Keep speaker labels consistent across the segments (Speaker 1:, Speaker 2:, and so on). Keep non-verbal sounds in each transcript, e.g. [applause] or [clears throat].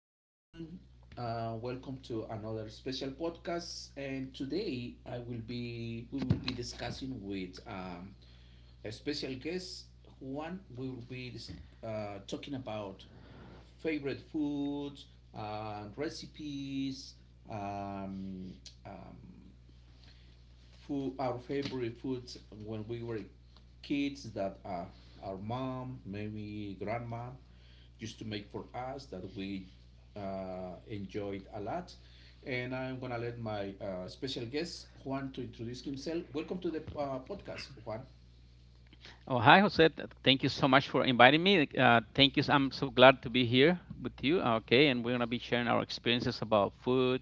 Speaker 1: good afternoon. Welcome to another special podcast. And today I will be we will be discussing with a special guest. Juan, we will be talking about favorite foods, recipes, um, um, food, our favorite foods when we were kids that our mom, maybe grandma, used to make for us that we enjoyed a lot. And I'm gonna let my special guest Juan to introduce himself. Welcome to the podcast, Juan.
Speaker 2: Oh, hi, Jose. Thank you so much for inviting me. Thank you. I'm so glad to be here with you. Okay, and we're gonna be sharing our experiences about food,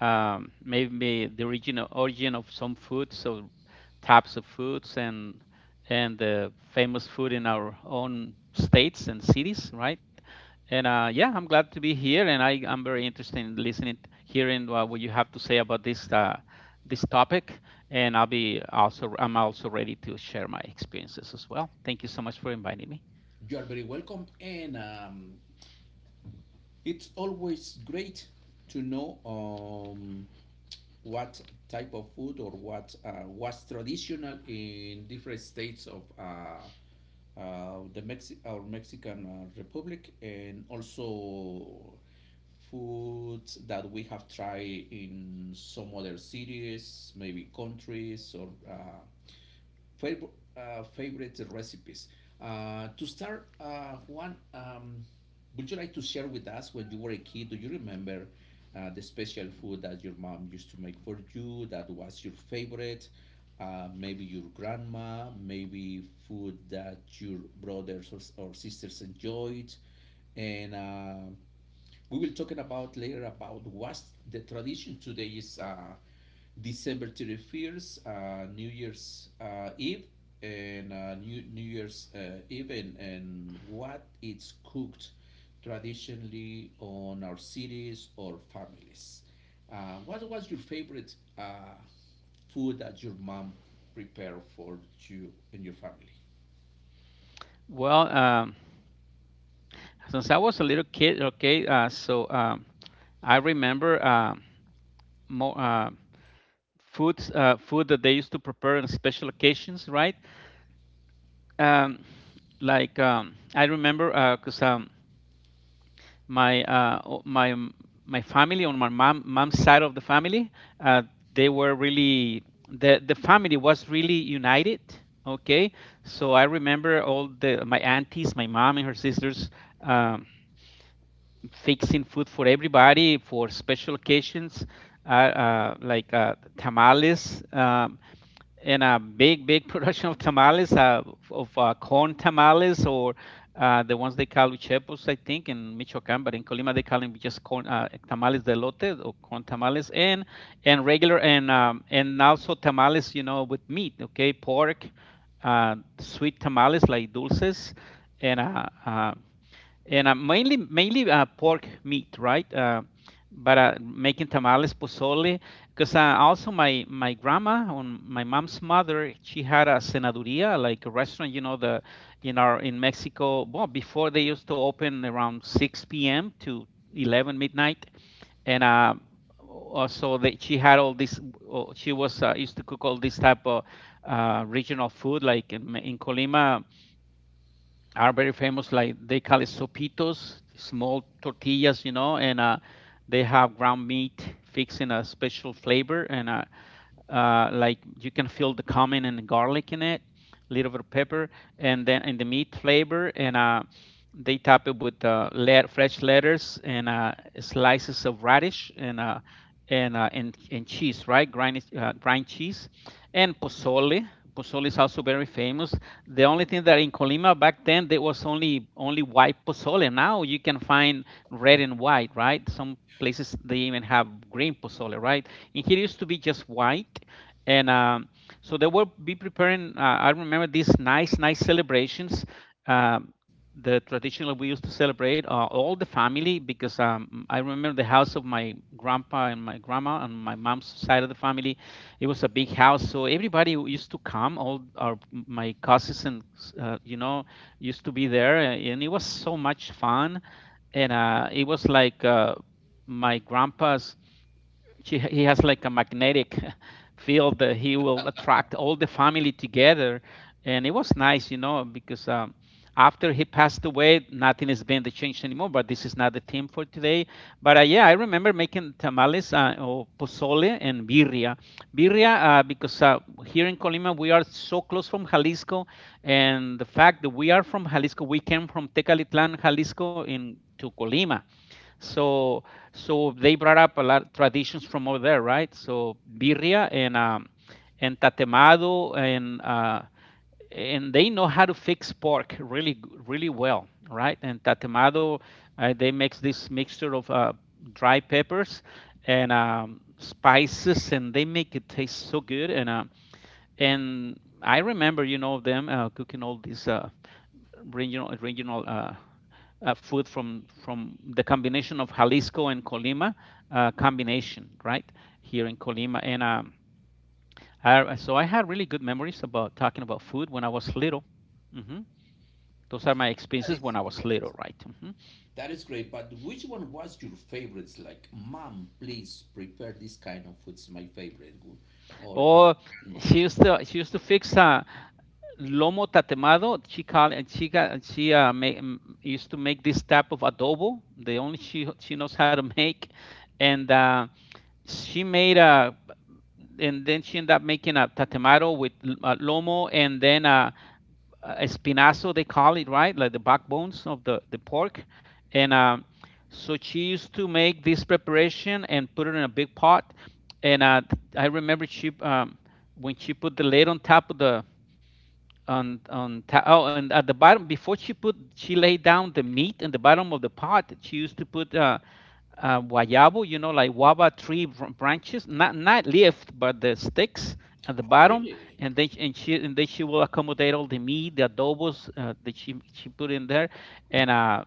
Speaker 2: maybe the origin of some food. So types of foods and the famous food in our own states and cities, right? And Yeah, I'm glad to be here, and I'm very interested in listening, hearing what you have to say about this this topic, and I'm also ready to share my experiences as well. Thank you so much for inviting me.
Speaker 1: You are very welcome, and it's always great to know what type of food or what was traditional in different states of our Mexican Republic, and also foods that we have tried in some other cities, maybe countries, or Favorite, favorite recipes. To start, Juan, would you like to share with us when you were a kid? Do you remember the special food that your mom used to make for you that was your favorite? Maybe your grandma, maybe food that your brothers or sisters enjoyed, and we will talking about later about what's the tradition today. Is december 31st new year's eve, and new year's eve, and what it's cooked traditionally on our cities or families, what was your favorite food that your mom prepared for you and your family?
Speaker 2: Well, since I was a little kid, okay, I remember more uh, food that they used to prepare on special occasions, right? um, I remember because my o- my m- my family on my mom's side of the family, uh, they were really the family was really united. Okay, so I remember all the my aunties, my mom and her sisters um, fixing food for everybody for special occasions, tamales. In a big [laughs] production of tamales, of corn tamales, or the ones they call uchepos, I think, in Michoacan, but in Colima they call them just corn, tamales de lote, or corn tamales, and regular, and also tamales, you know, with meat, okay, pork, sweet tamales, like dulces, and mainly pork meat, right? But Making tamales, pozole, because also my grandma on my mom's mother, she had a cenaduría, like a restaurant, you know, the in our in Mexico. Well, before they used to open around 6 p.m. to 11 midnight, and so that she had all this. She was used to cook all this type of regional food, like in Colima are very famous. Like they call it sopitos, small tortillas, you know, and they have ground meat fixed in a special flavor, and like you can feel the cumin and the garlic in it, a little bit of pepper, and then in the meat flavor, and they top it with fresh lettuce, and slices of radish, and and cheese, right? Grind cheese, and pozole. Pozole is also very famous. The only thing that in Colima back then there was only white pozole. Now you can find red and white, right? Some places they even have green pozole, right? In here it used to be just white, and so they will be preparing. I remember these nice, nice celebrations. Um, the traditional we used to celebrate all the family, because I remember the house of my grandpa and my grandma and my mom's side of the family. It was a big house, so everybody used to come. All our my cousins and uh, you know used to be there, and it was so much fun. And it was like my he has like a magnetic [laughs] field that he will attract all the family together, and it was nice, you know, because after he passed away nothing has been changed anymore, but this is not the theme for today. But Yeah, I remember making tamales, or pozole and birria. Birria because Here in Colima we are so close from Jalisco, and the fact that we are from Jalisco, we came from Tecalitlan, Jalisco, in to Colima, so so they brought up a lot of traditions from over there, right? So birria, and tatemado, and they know how to fix pork really really well, right? And tatemado, they makes this mixture of dry peppers and spices, and they make it taste so good. And I remember, you know, them cooking all these regional food from the combination of Jalisco and Colima combination, right? Here in Colima, and so I had really good memories about talking about food when I was little. Hmm. Those are my
Speaker 1: That
Speaker 2: experiences
Speaker 1: is
Speaker 2: when I was little,
Speaker 1: great.
Speaker 2: right? Hmm.
Speaker 1: That is great, but which one was your favorites? Like, mom, please prepare this kind of food's my favorite. Good, or
Speaker 2: Or
Speaker 1: grandma.
Speaker 2: she used to fix lomo tatemado. She called and she got she make, used to make this type of adobo. The only she knows how to [laughs] make, and she made a and then she ended up making a tatemaro with lomo, and then a espinazo, they call it, right, like the backbones of the pork. And so she used to make this preparation and put it in a big pot. And I remember she when she put the lid on top of the on ta- oh and at the bottom, before she put, she laid down the meat in the bottom of the pot, she used to put guayabo, you know, like guava tree branches, not leaf but the sticks at the
Speaker 1: Oh,
Speaker 2: bottom,
Speaker 1: really?
Speaker 2: and then and she, and then she will accommodate all the meat, the adobos, that she put in there. And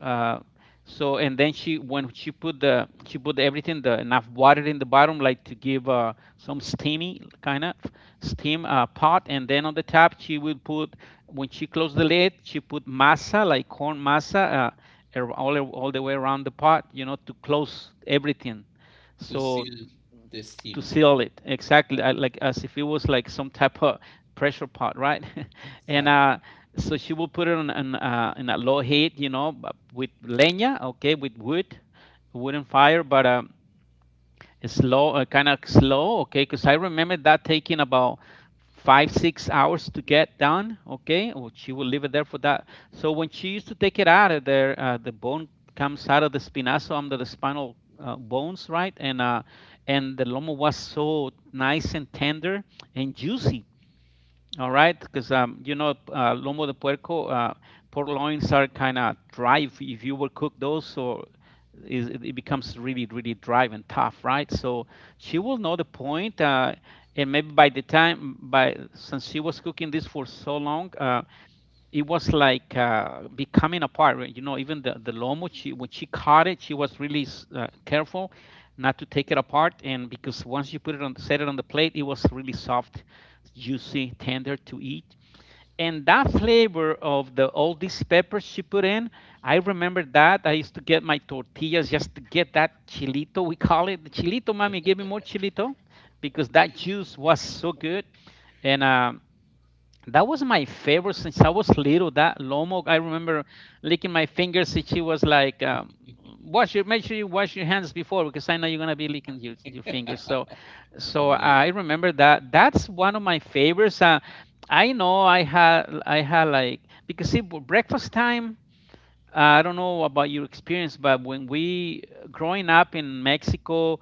Speaker 2: uh so, and then she put everything, the enough water in the bottom, like to give some steamy kind of steam pot. And then on the top she will put, when she closed the lid, she put masa, like corn masa, all the way around the pot, you know, to close everything,
Speaker 1: To
Speaker 2: so
Speaker 1: seal the
Speaker 2: to
Speaker 1: steam.
Speaker 2: seal it, exactly, like as if it was like some type of pressure pot, right. [laughs] And
Speaker 1: Exactly.
Speaker 2: so she will put it on an in a low heat, you know, with leña, okay, with wood, wooden fire, but slow, kind of slow, okay? Because I remember that taking about 5, 6 hours to get done, okay? Or she will leave it there for that. So when she used to take it out of there, the bone comes out of the spinazo, under the spinal bones, right? And the lomo was so nice and tender and juicy. All right, because you know, lomo de puerco, pork loins are kind of dry. If you will cook those, so it becomes really, really dry and tough, right? So she will know the point. And maybe by the time, by since she was cooking this for so long, it was like becoming apart, right? You know, even the lomo, she when she caught it, she was really careful not to take it apart, and because once you put it on, set it on the plate, it was really soft, juicy, tender to eat. And that flavor of the all these peppers she put in, I remember that. I used to get my tortillas just to get that chilito, we call it the chilito, mommy. Give me more chilito, because that juice was so good. And that was my favorite since I was little. That lomo, I remember licking my fingers. And she was like, "Wash your, make sure you wash your hands before, because I know you're gonna be licking your fingers." So,
Speaker 1: [laughs]
Speaker 2: so
Speaker 1: Amazing.
Speaker 2: I remember that. That's one of my favorites. I know I had like, because see, breakfast time, I don't know about your experience, but when we growing up in Mexico,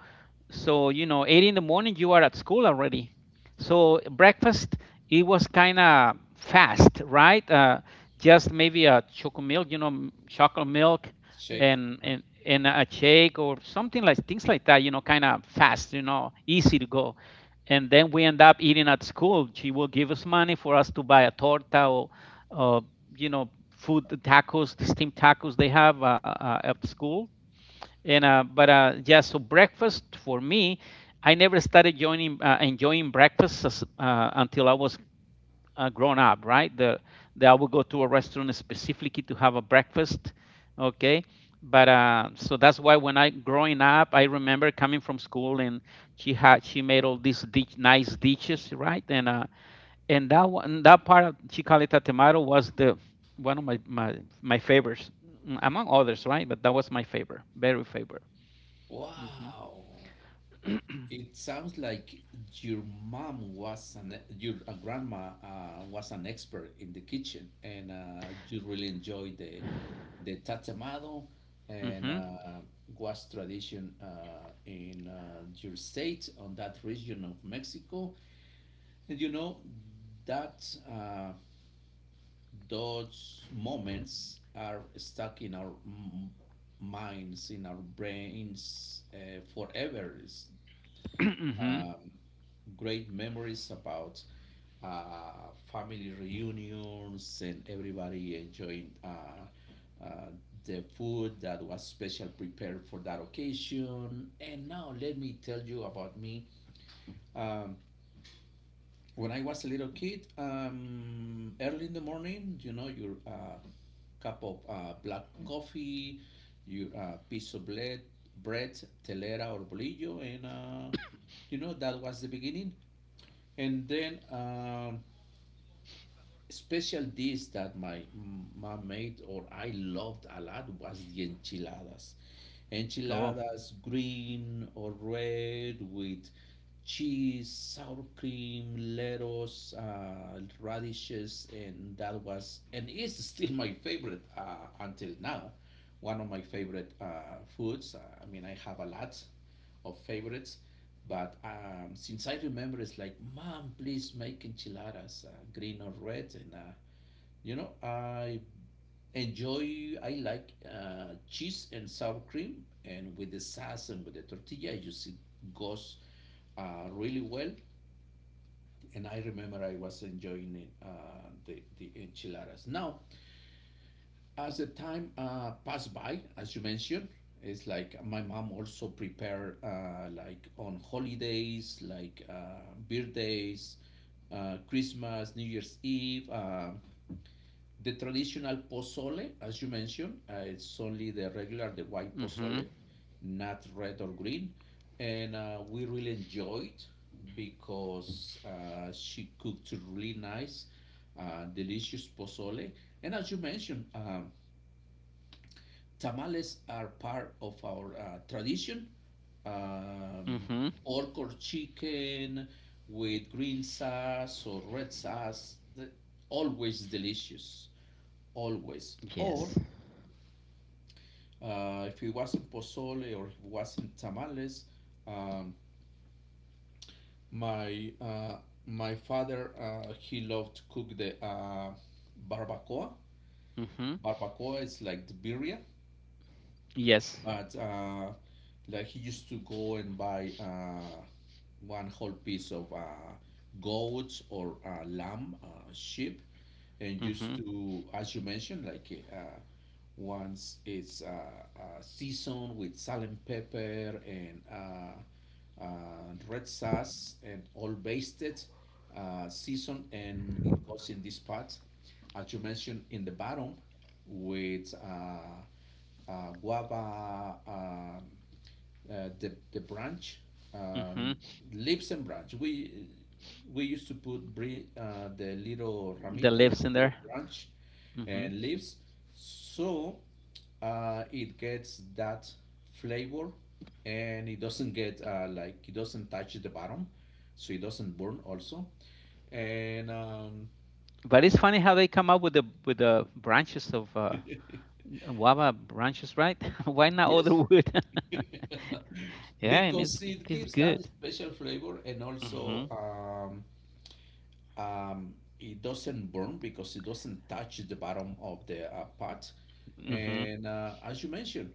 Speaker 2: so you know, 8 in the morning you are at school already. So breakfast it was kind of fast, right? Just maybe a choco milk, you know, chocolate milk,
Speaker 1: Shake,
Speaker 2: and
Speaker 1: huh?
Speaker 2: and a shake or something, like things like that, you know, kind of fast, you know, easy to go. And then we end up eating at school. She will give us money for us to buy a torta or you know food, the tacos, the steamed tacos they have at school. And but Yeah, so breakfast for me, I never started joining enjoying breakfast until I was grown up, right? The I would go to a restaurant specifically to have a breakfast. Okay, but so that's why when I growing up, I remember coming from school and she made all these nice dishes, right? And that one, that part of chicalita tomato was the one of my my favorites. Among others, right? But that was my favorite, very favorite. hmm
Speaker 1: Wow. It sounds like your mom was an your grandma was an expert in the kitchen, and you really enjoyed the tatemado, and
Speaker 2: hmm
Speaker 1: was tradition in your state on that region of Mexico. And you know that uh, those moments are stuck in our minds, in our brains forever. It's
Speaker 2: hmm
Speaker 1: great memories about family reunions and everybody enjoying uh, the food that was special prepared for that occasion. And now let me tell you about me. Um, when I was a little kid, early in the morning, you know, your cup of black coffee, your piece of bread, telera or bolillo, and you know that was the beginning. And then special dish that my mom made or I loved a lot was the enchiladas.
Speaker 2: [clears throat] oh
Speaker 1: Enchiladas, green or red, with cheese, sour cream, lettuce, radishes, and that was and is still my favorite until now. One of my favorite foods. I mean, I have a lot of favorites. But since I remember, it's like, Mom, please make enchiladas, green or red. And, you know, I enjoy, I like cheese and sour cream. And with the sauce and with the tortilla, I just, it goes really well. And I remember I was enjoying it, the enchiladas. Now, as the time passed by, as you mentioned, it's like my mom also prepared like on holidays, like birthdays, Christmas, New Year's Eve. The traditional pozole, as you mentioned, it's only the regular, the white
Speaker 2: hmm
Speaker 1: pozole, not red or green. And we really enjoyed because she cooked really nice, delicious pozole. And as you mentioned, tamales are part of our tradition. Um,
Speaker 2: hmm
Speaker 1: Pork or chicken with green sauce or red sauce, always delicious, always.
Speaker 2: yes.
Speaker 1: Or if it wasn't pozole or if it wasn't tamales, um, my my father he loved to cook the barbacoa.
Speaker 2: hmm
Speaker 1: Barbacoa is like the birria,
Speaker 2: yes.
Speaker 1: but like he used to go and buy one whole piece of goats or lamb, sheep, and
Speaker 2: hmm
Speaker 1: used to, as you mentioned, like once it's seasoned with salt and pepper and red sauce and all basted, seasoned, and it goes in this pot, as you mentioned, in the bottom with. Guava the branch uh,
Speaker 2: hmm
Speaker 1: leaves and branch, we used to put the little
Speaker 2: the
Speaker 1: ramitas,
Speaker 2: leaves
Speaker 1: the
Speaker 2: in
Speaker 1: little
Speaker 2: there.
Speaker 1: branch
Speaker 2: hmm
Speaker 1: and leaves, so it gets that flavor, and it doesn't get like it doesn't touch the bottom, so it doesn't burn also. And
Speaker 2: but it's funny how they come up with the branches of
Speaker 1: [laughs]
Speaker 2: guava branches, right? [laughs] Why not
Speaker 1: yes
Speaker 2: other wood?
Speaker 1: [laughs]
Speaker 2: [laughs] Yeah, and
Speaker 1: because it
Speaker 2: it's
Speaker 1: gives
Speaker 2: good.
Speaker 1: that special flavor. And also
Speaker 2: hmm
Speaker 1: um, it doesn't burn because it doesn't touch the bottom of the pot.
Speaker 2: hmm
Speaker 1: And as you mentioned,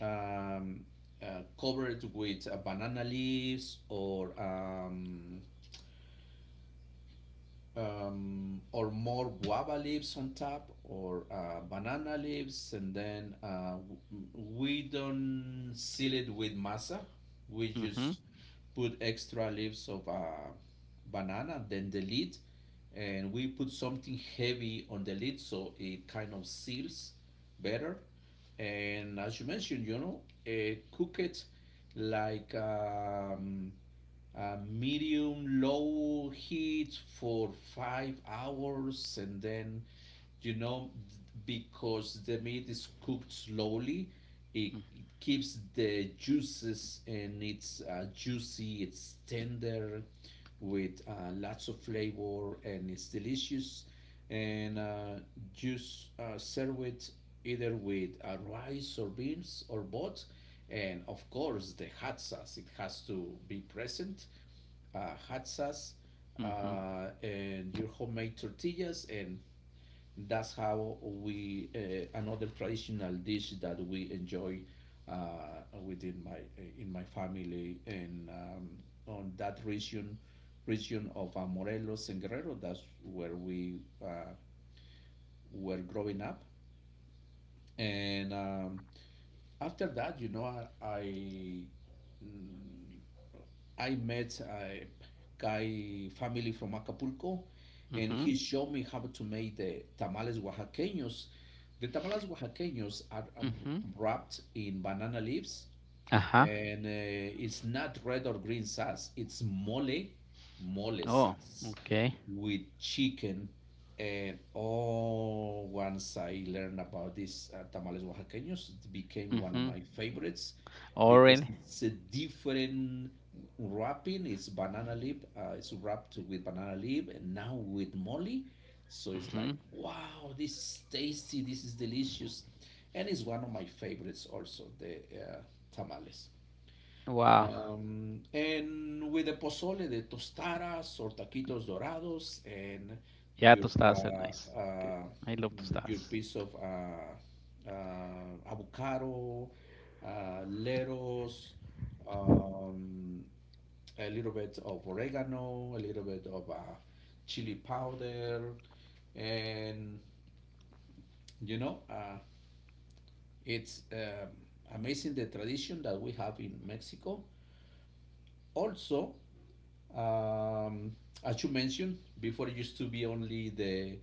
Speaker 1: um, covered with banana leaves, or more guava leaves on top, or banana leaves, and then we don't seal it with masa. We
Speaker 2: hmm
Speaker 1: just put extra leaves of banana, then the lid, and we put something heavy on the lid so it kind of seals better. And as you mentioned, you know, cook it like medium low heat for 5 hours, and then, you know, because the meat is cooked slowly, it keeps the juices and it's juicy, it's tender, with lots of flavor, and it's delicious. And just serve it either with rice or beans or both, and of course, the Hatzas, it has to be present. Hatzas
Speaker 2: Mhm.
Speaker 1: and your homemade tortillas, and that's how we, another traditional dish that we enjoy within my in my family, and on that region of Morelos and Guerrero. That's where we were growing up. And after that, you know, I met a guy family from Acapulco, and
Speaker 2: Mhm.
Speaker 1: he showed me how to make the tamales oaxaqueños. The tamales oaxaqueños are
Speaker 2: Mhm.
Speaker 1: wrapped in banana leaves,
Speaker 2: Ajá.
Speaker 1: and it's not red or green sauce. It's mole
Speaker 2: Oh,
Speaker 1: sauce
Speaker 2: okay.
Speaker 1: with chicken. And oh, once I learned about this tamales oaxaqueños, it became one of
Speaker 2: Mhm.
Speaker 1: my favorites
Speaker 2: Oh,
Speaker 1: because
Speaker 2: really?
Speaker 1: it's a different wrapping. It's banana leaf. It's wrapped with banana leaf, and now with mole. So it's like,
Speaker 2: Mhm.
Speaker 1: wow, this is tasty. This is delicious, and is one of my favorites also, the tamales.
Speaker 2: Wow.
Speaker 1: And with the pozole de tostadas or taquitos dorados and
Speaker 2: Yeah,
Speaker 1: your
Speaker 2: tostadas are nice.
Speaker 1: uh,
Speaker 2: Good.
Speaker 1: uh,
Speaker 2: I love
Speaker 1: your
Speaker 2: tostadas.
Speaker 1: piece of avocado, leros, um, a little bit of oregano, a little bit of chili powder, and you know, it's amazing the tradition that we have in Mexico. Also, um, as you mentioned before, it used to be only the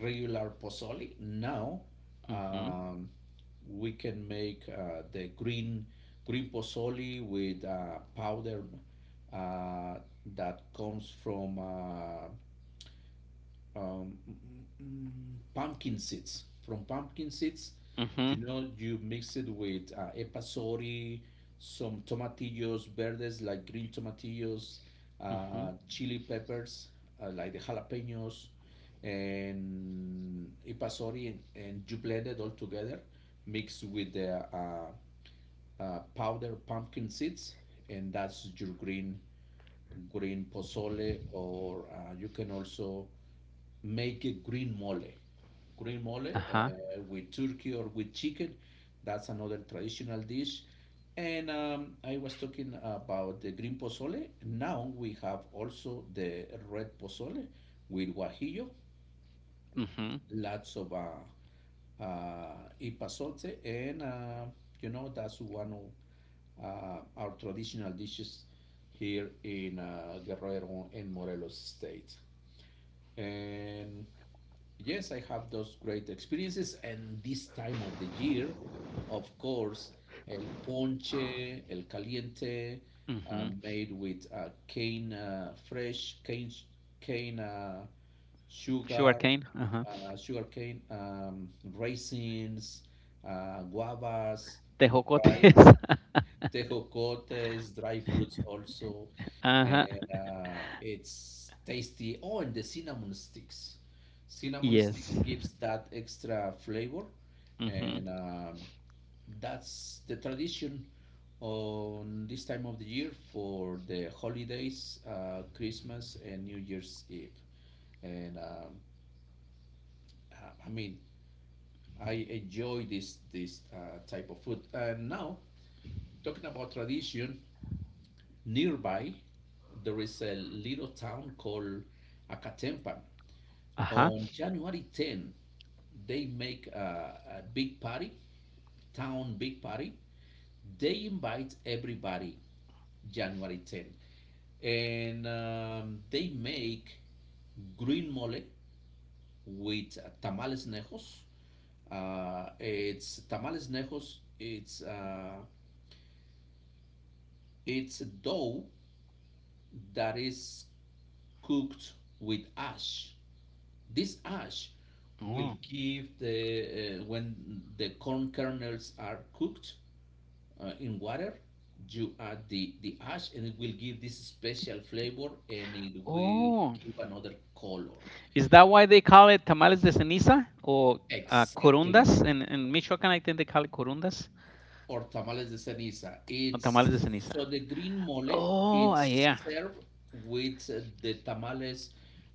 Speaker 1: regular pozole. Now
Speaker 2: Mhm.
Speaker 1: um, we can make the green pozole with powder uh, that comes from um, mm, mm, pumpkin seeds. From pumpkin seeds, you
Speaker 2: Mhm.
Speaker 1: know, you mix it with epasori, some tomatillos verdes, like green tomatillos,
Speaker 2: Mhm.
Speaker 1: chili peppers, like the jalapenos, and epasori, and you blend it all together, mix with the powder pumpkin seeds, and that's your green pozole. Or you can also make a green mole. Green mole
Speaker 2: Ajá.
Speaker 1: with turkey or with chicken. That's another traditional dish. And I was talking about the green pozole. Now we have also the red pozole with guajillo,
Speaker 2: Mhm.
Speaker 1: lots of ipasote, and you know that's one of our traditional dishes here in Guerrero and Morelos state. And yes, I have those great experiences, and this time of the year, of course, el ponche, el caliente,
Speaker 2: Mhm.
Speaker 1: made with cane, fresh cane sugar,
Speaker 2: Sugarcane. Ajá.
Speaker 1: sugar cane, raisins, guavas, dry
Speaker 2: Tejocotes. [laughs]
Speaker 1: tejocotes, dry fruits also,
Speaker 2: Ajá.
Speaker 1: and it's tasty. Oh, and the cinnamon sticks. Cinnamon
Speaker 2: Yes.
Speaker 1: sticks gives that extra flavor,
Speaker 2: Mhm.
Speaker 1: and that's the tradition on this time of the year for the holidays, Christmas and New Year's Eve. And I mean, I enjoy this type of food. And now, talking about tradition. Nearby, there is a little town called Acatempan.
Speaker 2: Ajá.
Speaker 1: On January 10, they make a big party, town big party. They invite everybody January 10. And they make green mole with tamales nejos. It's tamales nejos. It's dough that is cooked with ash. This ash will
Speaker 2: Oh.
Speaker 1: give the when the corn kernels are cooked in water. You add the ash and it will give this special flavor, and it will
Speaker 2: Oh.
Speaker 1: give another color.
Speaker 2: Is that why they call it tamales de ceniza or
Speaker 1: Exactly.
Speaker 2: corundas? In Michoacán, I think they call it corundas
Speaker 1: Or tamales de ceniza.
Speaker 2: or
Speaker 1: It's
Speaker 2: tamales de ceniza.
Speaker 1: so the green mole.
Speaker 2: Oh,
Speaker 1: It's
Speaker 2: yeah.
Speaker 1: served with the tamales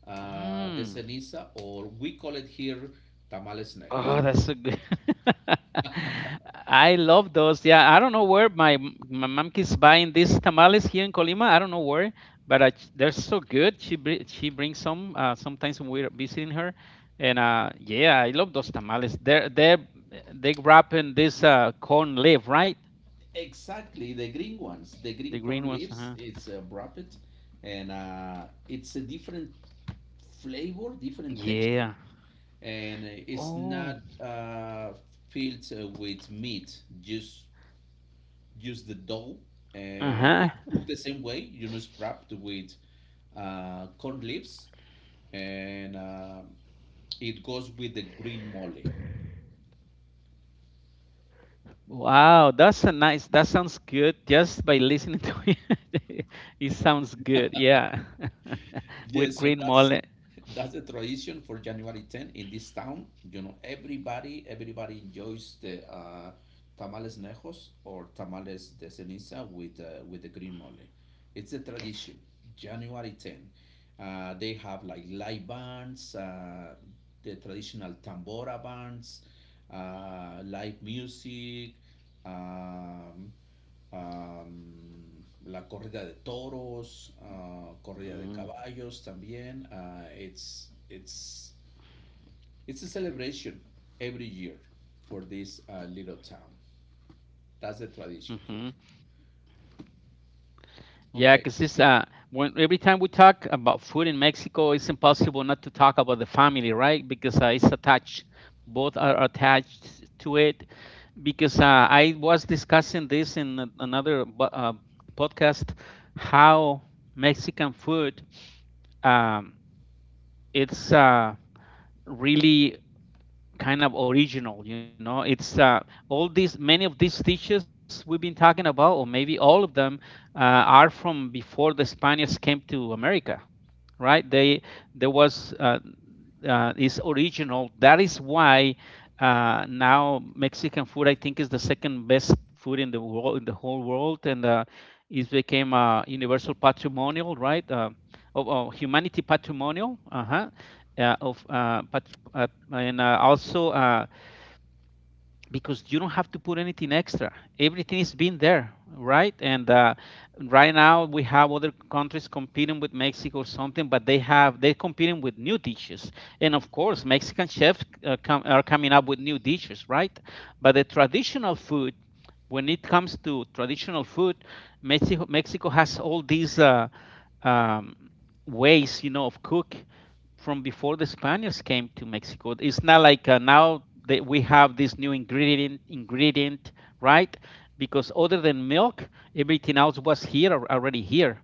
Speaker 1: de
Speaker 2: Mm.
Speaker 1: ceniza, or we call it here tamales nejos.
Speaker 2: Oh, that's so good. [laughs] I love those. Yeah, I don't know where my mom keeps buying these tamales here in Colima. I don't know where, but they're so good. She brings some sometimes when we're visiting her, and yeah, I love those tamales. They're they wrap in this corn leaf, right?
Speaker 1: Exactly, the green ones, the
Speaker 2: The
Speaker 1: green
Speaker 2: green
Speaker 1: corn
Speaker 2: ones.
Speaker 1: leaves.
Speaker 2: Uh-huh.
Speaker 1: It's a rapid, and it's a different flavor, different texture,
Speaker 2: Yeah.
Speaker 1: and it's
Speaker 2: Oh.
Speaker 1: not filled with meat. Just the dough,
Speaker 2: Uh
Speaker 1: and it's
Speaker 2: huh.
Speaker 1: cooked the same way. You know, it's wrapped with corn leaves, and it goes with the green mole.
Speaker 2: Wow, that's a nice. That sounds good. Just by listening to [laughs] it, it sounds good. Yeah, [laughs] with
Speaker 1: Yes, so
Speaker 2: green
Speaker 1: that's
Speaker 2: mole.
Speaker 1: that's the tradition for January 10 in this town. You know, everybody enjoys the tamales nejos or tamales de ceniza with the green mole. It's a tradition. January 10. They have like live bands, the traditional tambora bands, live music, um, um, la corrida de toros, corrida de caballos también. It's a celebration every year for this little town. That's the
Speaker 2: Mm-hmm.
Speaker 1: tradition here.
Speaker 2: Yeah, because
Speaker 1: Ok,
Speaker 2: it's when every time we talk about food in Mexico, it's impossible not to talk about the family, right? Because it's attached. Both are attached to it. Because I was discussing this in another podcast, how Mexican food um, it's really kind of original, you know, it's all these, many of these dishes we've been talking about, or maybe all of them, are from before the spaniards came to america, right? They there was Is original. That is why now Mexican food, I think, is the second best food in the world, in the whole world, and it became a universal patrimonial, right? Of humanity patrimonial, uh-huh, of pat- and also. Because you don't have to put anything extra. Everything is been there, right? And right now we have other countries competing with Mexico or something, but they're competing with new dishes. And of course, Mexican chefs are coming up with new dishes, right? But the traditional food, when it comes to traditional food, Mexico has all these um, ways, you know, of cook from before the Spaniards came to Mexico. It's not like now that we have this new ingredient, right? Because other than milk, everything else was here already here.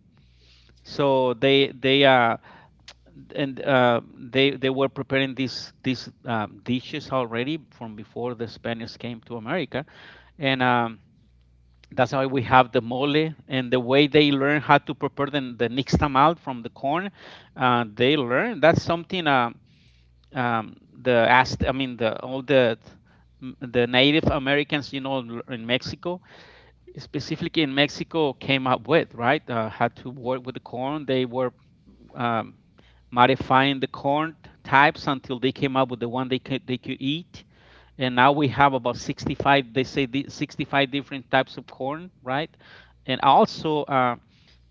Speaker 2: So they were preparing these dishes already from before the Spaniards came to America, and that's why we have the mole and the way they learn how to prepare the nixtamal from the corn. They learn that's something. Um, I mean the all the Native Americans, you know, in Mexico, specifically in Mexico, came up with, right, how to work with the corn. They were um, modifying the corn types until they came up with the one they could eat. And now we have about 65. They say the 65 different types of corn, right? And also,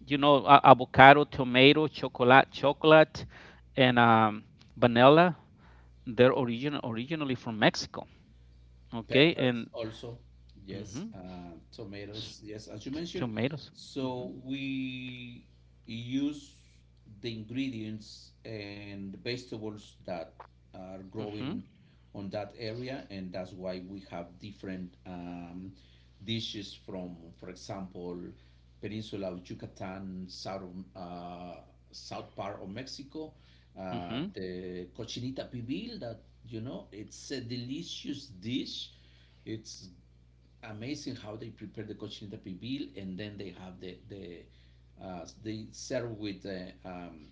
Speaker 2: you know, avocado, tomato, chocolate, and vanilla, they're originally from Mexico. Okay,
Speaker 1: peppers
Speaker 2: and
Speaker 1: also, yes.
Speaker 2: mhm, s-
Speaker 1: Tomatoes, yes, as you mentioned.
Speaker 2: tomatoes. Mhm,
Speaker 1: So we use the ingredients and vegetables that are
Speaker 2: mhm,
Speaker 1: growing on that area, and that's why we have different dishes from, for example, peninsula of Yucatan, south of uh, south part of Mexico.
Speaker 2: mhm.
Speaker 1: The cochinita pibil that you know it's a delicious dish. It's amazing how they prepare the cochinita pibil, and then they have the they serve with uh, um,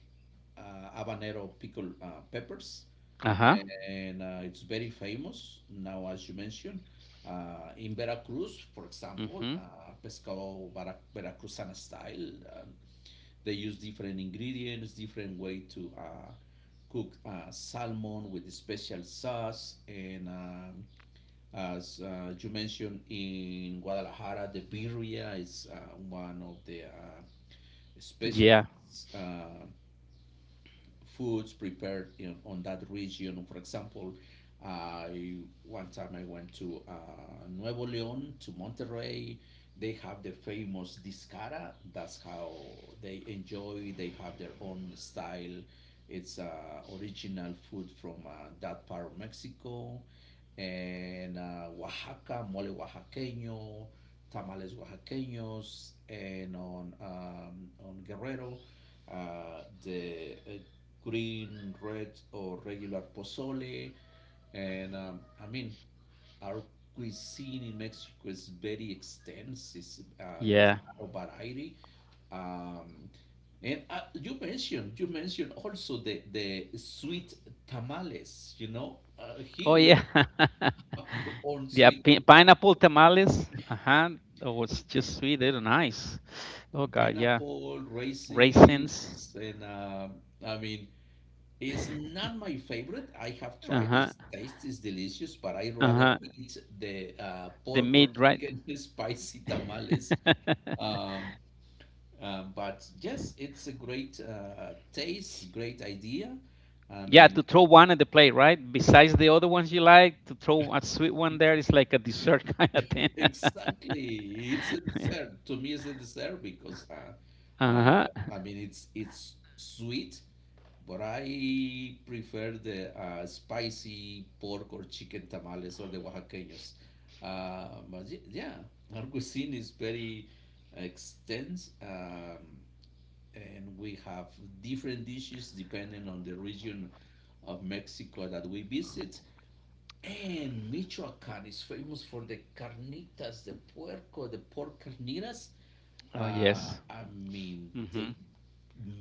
Speaker 1: uh, habanero pickled peppers
Speaker 2: Uh huh.
Speaker 1: and it's very famous now, as you mentioned. In Veracruz, for example,
Speaker 2: Mhm.
Speaker 1: veracruzana style, they use different ingredients, different way to cook salmon with special sauce. And as you mentioned, in Guadalajara, the birria is one of the
Speaker 2: Yeah.
Speaker 1: specialties. Foods prepared in, on that region. For example, I one time I went to Nuevo León to Monterrey. They have the famous discara. That's how they enjoy. They have their own style. It's original food from that part of Mexico, and Oaxaca mole oaxaqueño, tamales oaxaqueños, and on Guerrero, the green, red, or regular pozole. And I mean, our cuisine in Mexico is very extensive. There is
Speaker 2: Yeah.
Speaker 1: a lot of variety. Um, and you mentioned also the sweet tamales. You know,
Speaker 2: Oh
Speaker 1: here we
Speaker 2: yeah.
Speaker 1: have our own
Speaker 2: [laughs] Yeah.
Speaker 1: sweet tam-
Speaker 2: Pineapple tamales. Uh huh. That was just sweet. They're nice. Oh god. Yeah.
Speaker 1: pineapple,
Speaker 2: Raisins.
Speaker 1: raisins, and I mean it's not my favorite. I have
Speaker 2: Uh
Speaker 1: tried.
Speaker 2: huh.
Speaker 1: Its taste is delicious, but I
Speaker 2: Uh
Speaker 1: rather
Speaker 2: huh.
Speaker 1: eat the
Speaker 2: They
Speaker 1: pork or
Speaker 2: made, right?
Speaker 1: chicken [laughs] spicy tamales.
Speaker 2: [laughs]
Speaker 1: Um, but yes, it's a great taste, great idea. I
Speaker 2: Yeah,
Speaker 1: mean,
Speaker 2: to throw one at the plate, right? Besides the other ones you like, to throw a sweet one there is like a dessert [laughs] kind of thing.
Speaker 1: exactly. It's a dessert. To me, it's a dessert because
Speaker 2: Uh-huh.
Speaker 1: I mean it's sweet, but I prefer the spicy pork or chicken tamales or the Oaxaqueños. But yeah, our cuisine is very extensive, and we have different dishes depending on the region of Mexico that we visit. And Michoacán is famous for the carnitas, the puerco, the pork carnitas.
Speaker 2: Oh, yes.
Speaker 1: Uh, I mean,
Speaker 2: Mhm.
Speaker 1: they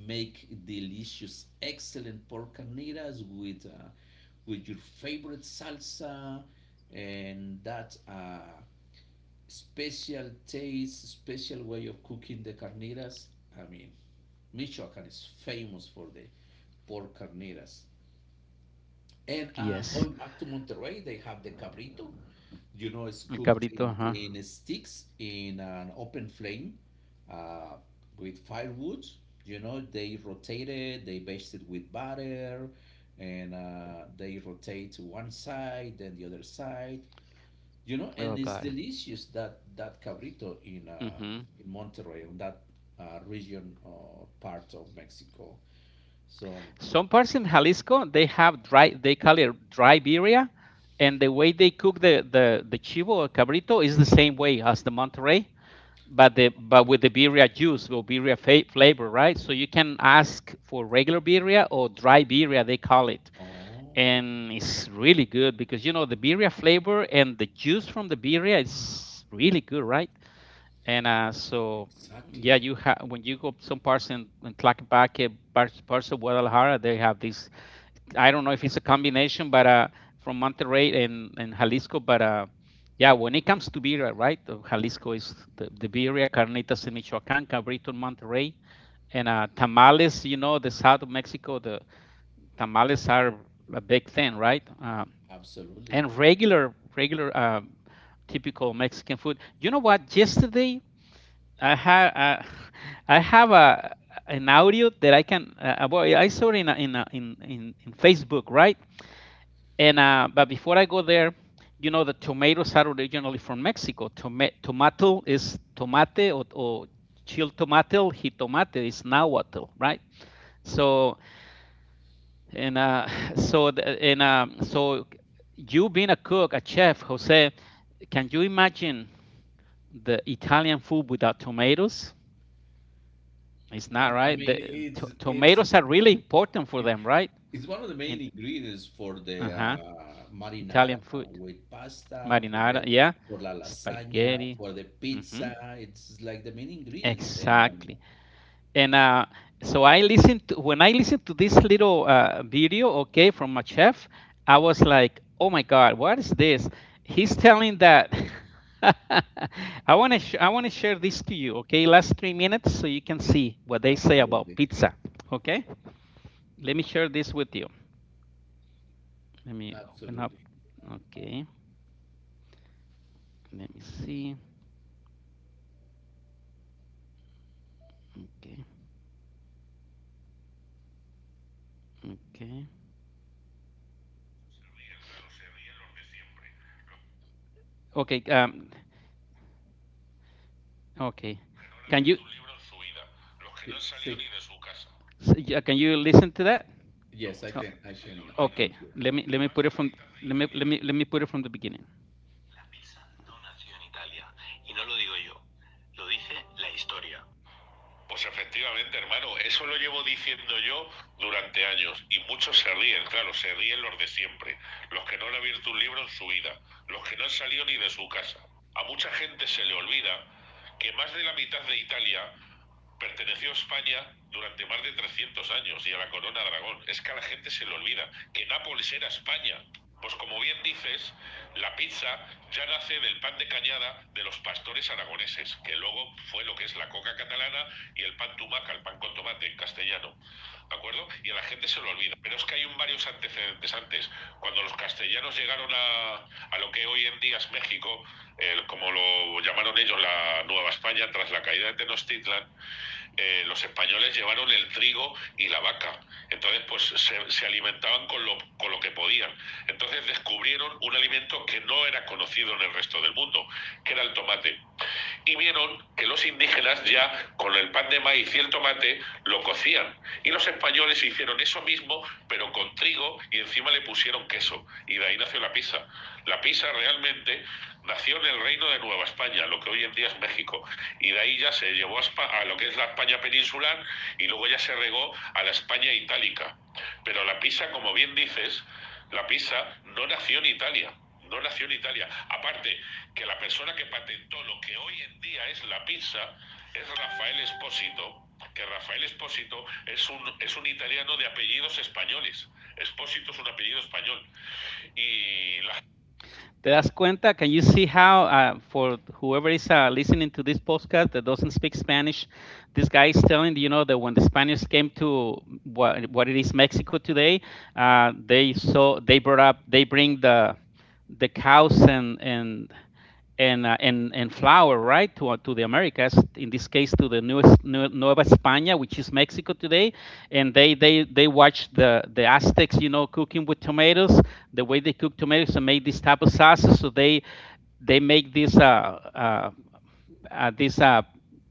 Speaker 1: make delicious, excellent pork carnitas with your favorite salsa, and that's a special taste, special way of cooking the carnitas. I mean, Michoacán is famous for the pork carnitas. And going
Speaker 2: Yes.
Speaker 1: back to Monterrey, they have the cabrito. You know, it's
Speaker 2: El
Speaker 1: cooked
Speaker 2: cabrito, huh?
Speaker 1: in sticks in an open flame uh, with firewood. You know, they rotate it, they baste it with butter, and they rotate to one side, then the other side.
Speaker 2: Oh,
Speaker 1: You know,
Speaker 2: God.
Speaker 1: and it's delicious that that cabrito
Speaker 2: Mhm.
Speaker 1: in Monterrey, in that region or part of Mexico. So,
Speaker 2: Some parts in Jalisco, they have dry, they call it dry birria, and the way they cook the chivo or cabrito is the same way as the Monterey, but the but with the
Speaker 1: really?
Speaker 2: birria juice or flavor, right? So you can ask for regular birria or dry birria, they call it,
Speaker 1: Oh,
Speaker 2: and it's really good because, you know, the birria flavor and the juice from the birria is really good, right? And uh, so, yeah,
Speaker 1: exactly.
Speaker 2: you have when you go some parts in Tlaquepaque, parts of Guadalajara, they have this. I don't know if it's a combination, but from Monterrey and Jalisco, but yeah, when it comes to beer, right? Jalisco is the birria, carnitas in Michoacán, cabrito in Monterrey, and tamales. You know, the south of Mexico, the tamales are a big thing, right? Uh,
Speaker 1: Absolutely.
Speaker 2: and regular, typical Mexican food. You know what? Yesterday I have [sighs] [laughs] I have a an audio that I can. Well, I saw it in a, in, a, in in Facebook, right? And But before I go there, you know, the tomatoes are originally from Mexico. Tomato is tomate, or chilled tomato. Jitomate is nahuatl, right? So and [laughs] [sighs] so the, and so you being a cook, a chef, Jose, can you imagine the Italian food without tomatoes? It's
Speaker 1: I,
Speaker 2: not
Speaker 1: I
Speaker 2: right.
Speaker 1: mean,
Speaker 2: The
Speaker 1: it's it's
Speaker 2: tomatoes are really important for them, right?
Speaker 1: it's one of the main
Speaker 2: And
Speaker 1: ingredients for
Speaker 2: uh
Speaker 1: the
Speaker 2: huh,
Speaker 1: marinara
Speaker 2: Italian food,
Speaker 1: with pasta, for
Speaker 2: marinara,
Speaker 1: the
Speaker 2: yeah,
Speaker 1: for la lasagna,
Speaker 2: spaghetti.
Speaker 1: for the
Speaker 2: Hmm.
Speaker 1: pizza. It's like the main ingredient, and
Speaker 2: Exactly. And So I listened to, when I listened to this little video, okay, from a chef. I was like, oh my God, what is this? He's telling that. [laughs] I want to share this to you, okay? Last 3 minutes, so you can see what they say about
Speaker 1: absolutely,
Speaker 2: pizza, okay? Let me share this with you. Let me open up.
Speaker 1: absolutely.
Speaker 2: Okay. Let me see. Okay. Okay. Okay. Okay. Can you
Speaker 1: It- See,
Speaker 2: no, yeah, can you listen to that?
Speaker 1: yes, I can, I can,
Speaker 2: Oh,
Speaker 1: I can
Speaker 2: okay.
Speaker 1: hear.
Speaker 2: Let me let me put it from let me put it from the beginning. La pizza no nació en Italia. Y no lo digo yo, lo dice la historia. Pues efectivamente, hermano, eso lo llevo diciendo yo durante años y muchos se ríen, claro, se ríen los de siempre, los que no han abierto un libro en su vida, los que no han salido ni de su casa. A mucha gente se le olvida que más de la mitad de Italia perteneció a España durante más de 300 años y a la corona de Aragón. Es que a la gente se le olvida que Nápoles era España. Pues como bien dices, la pizza ya nace del pan de cañada de los pastores aragoneses, que luego fue lo que es la coca catalana y el pan tumaca, el pan con tomate en castellano. ¿De acuerdo? Y a la gente se lo olvida. Pero es que hay un varios antecedentes antes. Cuando los castellanos llegaron a lo que hoy en día es México, como lo llamaron ellos la Nueva España, tras la caída de Tenochtitlan, eh, los españoles llevaron el trigo y la vaca. Entonces, pues se alimentaban con con lo que podían. Entonces descubrieron un alimento que no era conocido en el resto del mundo, que era el tomate y vieron que los indígenas ya con el pan de maíz y el tomate lo cocían. Y los españoles hicieron eso mismo, pero con trigo y encima le pusieron queso. Y de ahí nació la pizza. La pizza realmente nació en el reino de Nueva España, lo que hoy en día es México. Y de ahí ya se llevó a España, a lo que es la España peninsular, y luego ya se regó a la España itálica. Pero la pizza, como bien dices, la pizza no nació en Italia, no nació en Italia. Aparte, que la persona que patentó lo que hoy en día es la pizza es Rafael Espósito, que Rafael Espósito es es un italiano de apellidos españoles. Espósito es un apellido español. Y la ¿Te das cuenta? Can you see how, for whoever is listening to this podcast that doesn't speak Spanish, this guy is telling, you know, that when the Spaniards came to what it is Mexico today, they saw, they brought up, they bring the cows and and flour, right, to the Americas, in this case to the newest New Nueva España, which is Mexico today, and they watched the Aztecs, you know, cooking with tomatoes, the way they cook tomatoes and make these type of sauces. So they make this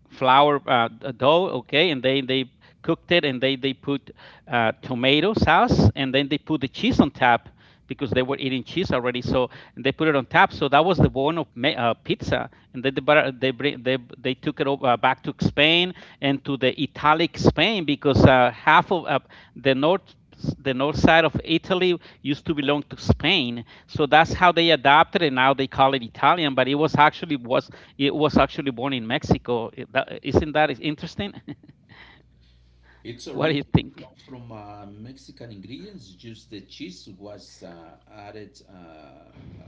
Speaker 2: flour dough, okay, and they cooked it and they put tomato sauce and then they put the cheese on top because they were eating cheese already. So and they put it on top. So that was the bone of pizza. And then they bring, they took it over, back to Spain and to the Italic Spain because half of the north the north side of Italy used to belong to Spain. So that's how they adopted it. Now they call it Italian, but it was actually born in Mexico. Isn't that is interesting? [laughs]
Speaker 1: Its
Speaker 2: What do you
Speaker 1: origin
Speaker 2: think?
Speaker 1: comes from Mexican ingredients. Just the cheese was added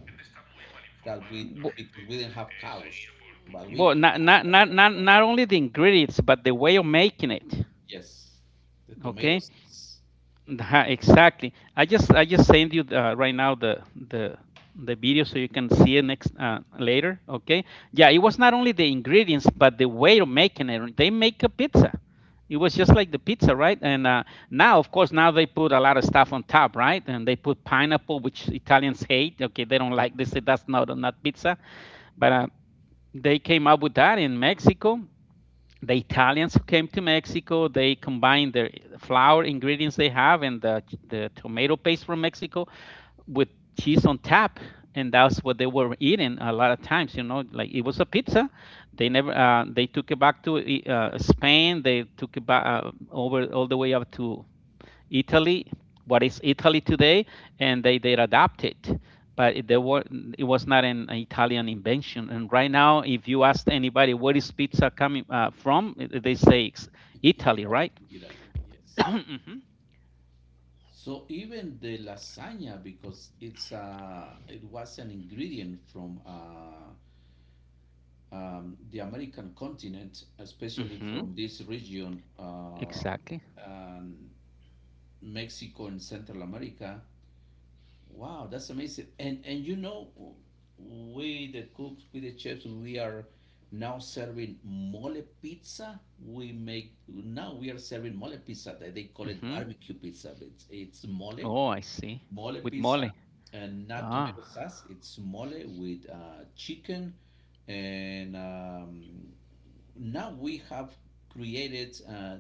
Speaker 1: that we
Speaker 2: Bu-
Speaker 1: because we didn't have cows, but we
Speaker 2: Well, not only the ingredients, but the way of making it.
Speaker 1: yes, the tomato
Speaker 2: Okay.
Speaker 1: sauce.
Speaker 2: Uh-huh, exactly. I just send you right now the video so you can see it next later. Okay. Yeah, it was not only the ingredients but the way of making it. They make a pizza. It was just like the pizza, right? And now, of course, now they put a lot of stuff on top, right? And they put pineapple, which Italians hate. Okay, they don't like. They say that's not pizza. But they came up with that in Mexico, the Italians who came to Mexico, they combined the flour ingredients they have and the tomato paste from Mexico with cheese on tap. And that's what they were eating a lot of times, you know, like it was a pizza. They never, they took it back to Spain. They took it back over all the way up to Italy, what is Italy today, and they adapt it. But it, they were, it was not an Italian invention. And right now, if you ask anybody where is pizza coming from, they say it's
Speaker 1: [laughs]
Speaker 2: Italy,
Speaker 1: Italy,
Speaker 2: right?
Speaker 1: Italy,
Speaker 2: [coughs] [clears throat]
Speaker 1: yes.
Speaker 2: Mm-hmm,
Speaker 1: So even the lasagna, because it's it was an ingredient from the American continent, especially
Speaker 2: mm-hmm,
Speaker 1: from this region,
Speaker 2: exactly.
Speaker 1: and Mexico and Central America. Wow, that's amazing. And you know, we the cooks, we the chefs, we are now serving mole pizza. We make now we are serving mole pizza. They call it
Speaker 2: Mm-hmm.
Speaker 1: barbecue pizza, but it's mole,
Speaker 2: Oh, I see.
Speaker 1: mole
Speaker 2: With
Speaker 1: pizza,
Speaker 2: mole.
Speaker 1: and not tomato
Speaker 2: Ah.
Speaker 1: sauce. It's mole with chicken, and now we have created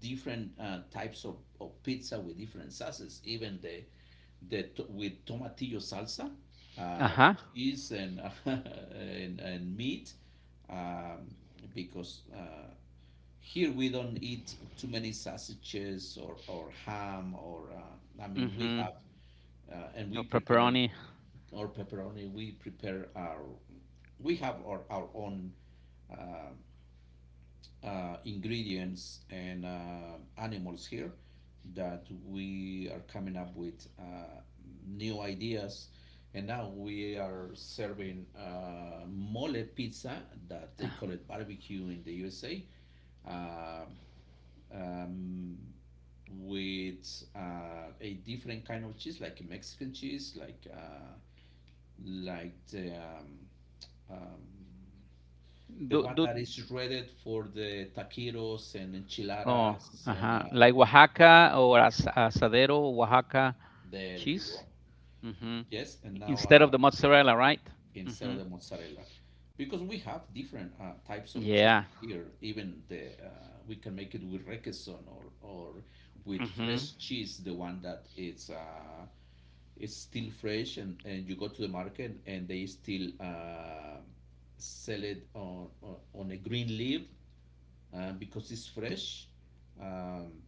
Speaker 1: different types of pizza with different sauces, even with tomatillo salsa, uh,
Speaker 2: Uh-huh.
Speaker 1: cheese and, [laughs] and meat, um, because here we don't eat too many sausages or ham or I mean we
Speaker 2: Mm-hmm.
Speaker 1: have and we
Speaker 2: Or
Speaker 1: prepare
Speaker 2: pepperoni.
Speaker 1: our pepperoni. We prepare our we have our own um, ingredients and animals here that we are coming up with new ideas. And now we are serving mole pizza that
Speaker 2: Uh,
Speaker 1: they call it barbecue in the USA uh, um, with a different kind of cheese, like Mexican cheese, like the um, the
Speaker 2: Do,
Speaker 1: one
Speaker 2: do,
Speaker 1: that is shredded for the taquitos and
Speaker 2: oh,
Speaker 1: enchiladas, and
Speaker 2: uh-huh. Like Oaxaca or asadero, Oaxaca
Speaker 1: there you go.
Speaker 2: cheese. Hmm.
Speaker 1: Yes, and now
Speaker 2: Instead of the mozzarella, right?
Speaker 1: instead
Speaker 2: Hmm.
Speaker 1: of the mozzarella, because we have different types of cheese
Speaker 2: Yeah.
Speaker 1: here. Even the we can make it with requesón or with
Speaker 2: Hmm.
Speaker 1: fresh cheese, the one that is still fresh, and you go to the market and they still sell it on a green leaf because it's fresh. Um,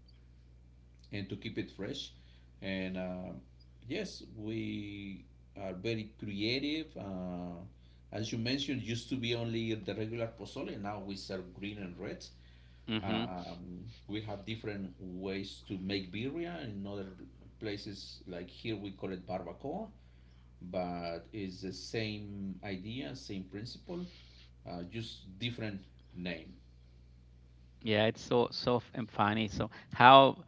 Speaker 1: and to keep it fresh. And yes, we are very creative. As you mentioned, used to be only the regular pozole. Now we serve green and red.
Speaker 2: Hmm.
Speaker 1: We have different ways to make birria. In other places, like here, we call it barbacoa, but it's the same idea, same principle, just different name.
Speaker 2: Yeah, it's so funny. So how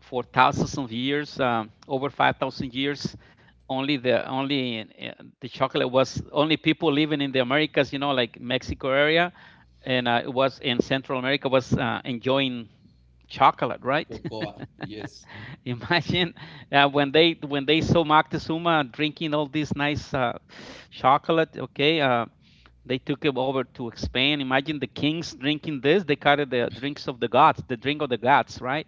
Speaker 2: for thousands of years, over 5,000 years, only the chocolate was only people living in the Americas, you know, like Mexico area, and it was in Central America was enjoying chocolate, right?
Speaker 1: Cocoa.
Speaker 2: [laughs]
Speaker 1: Yes,
Speaker 2: [laughs] Imagine when they saw Moctezuma drinking all this nice chocolate. Okay, they took him over to expand. Imagine the kings drinking this. They called it the drinks of the gods, the drink of the gods, right?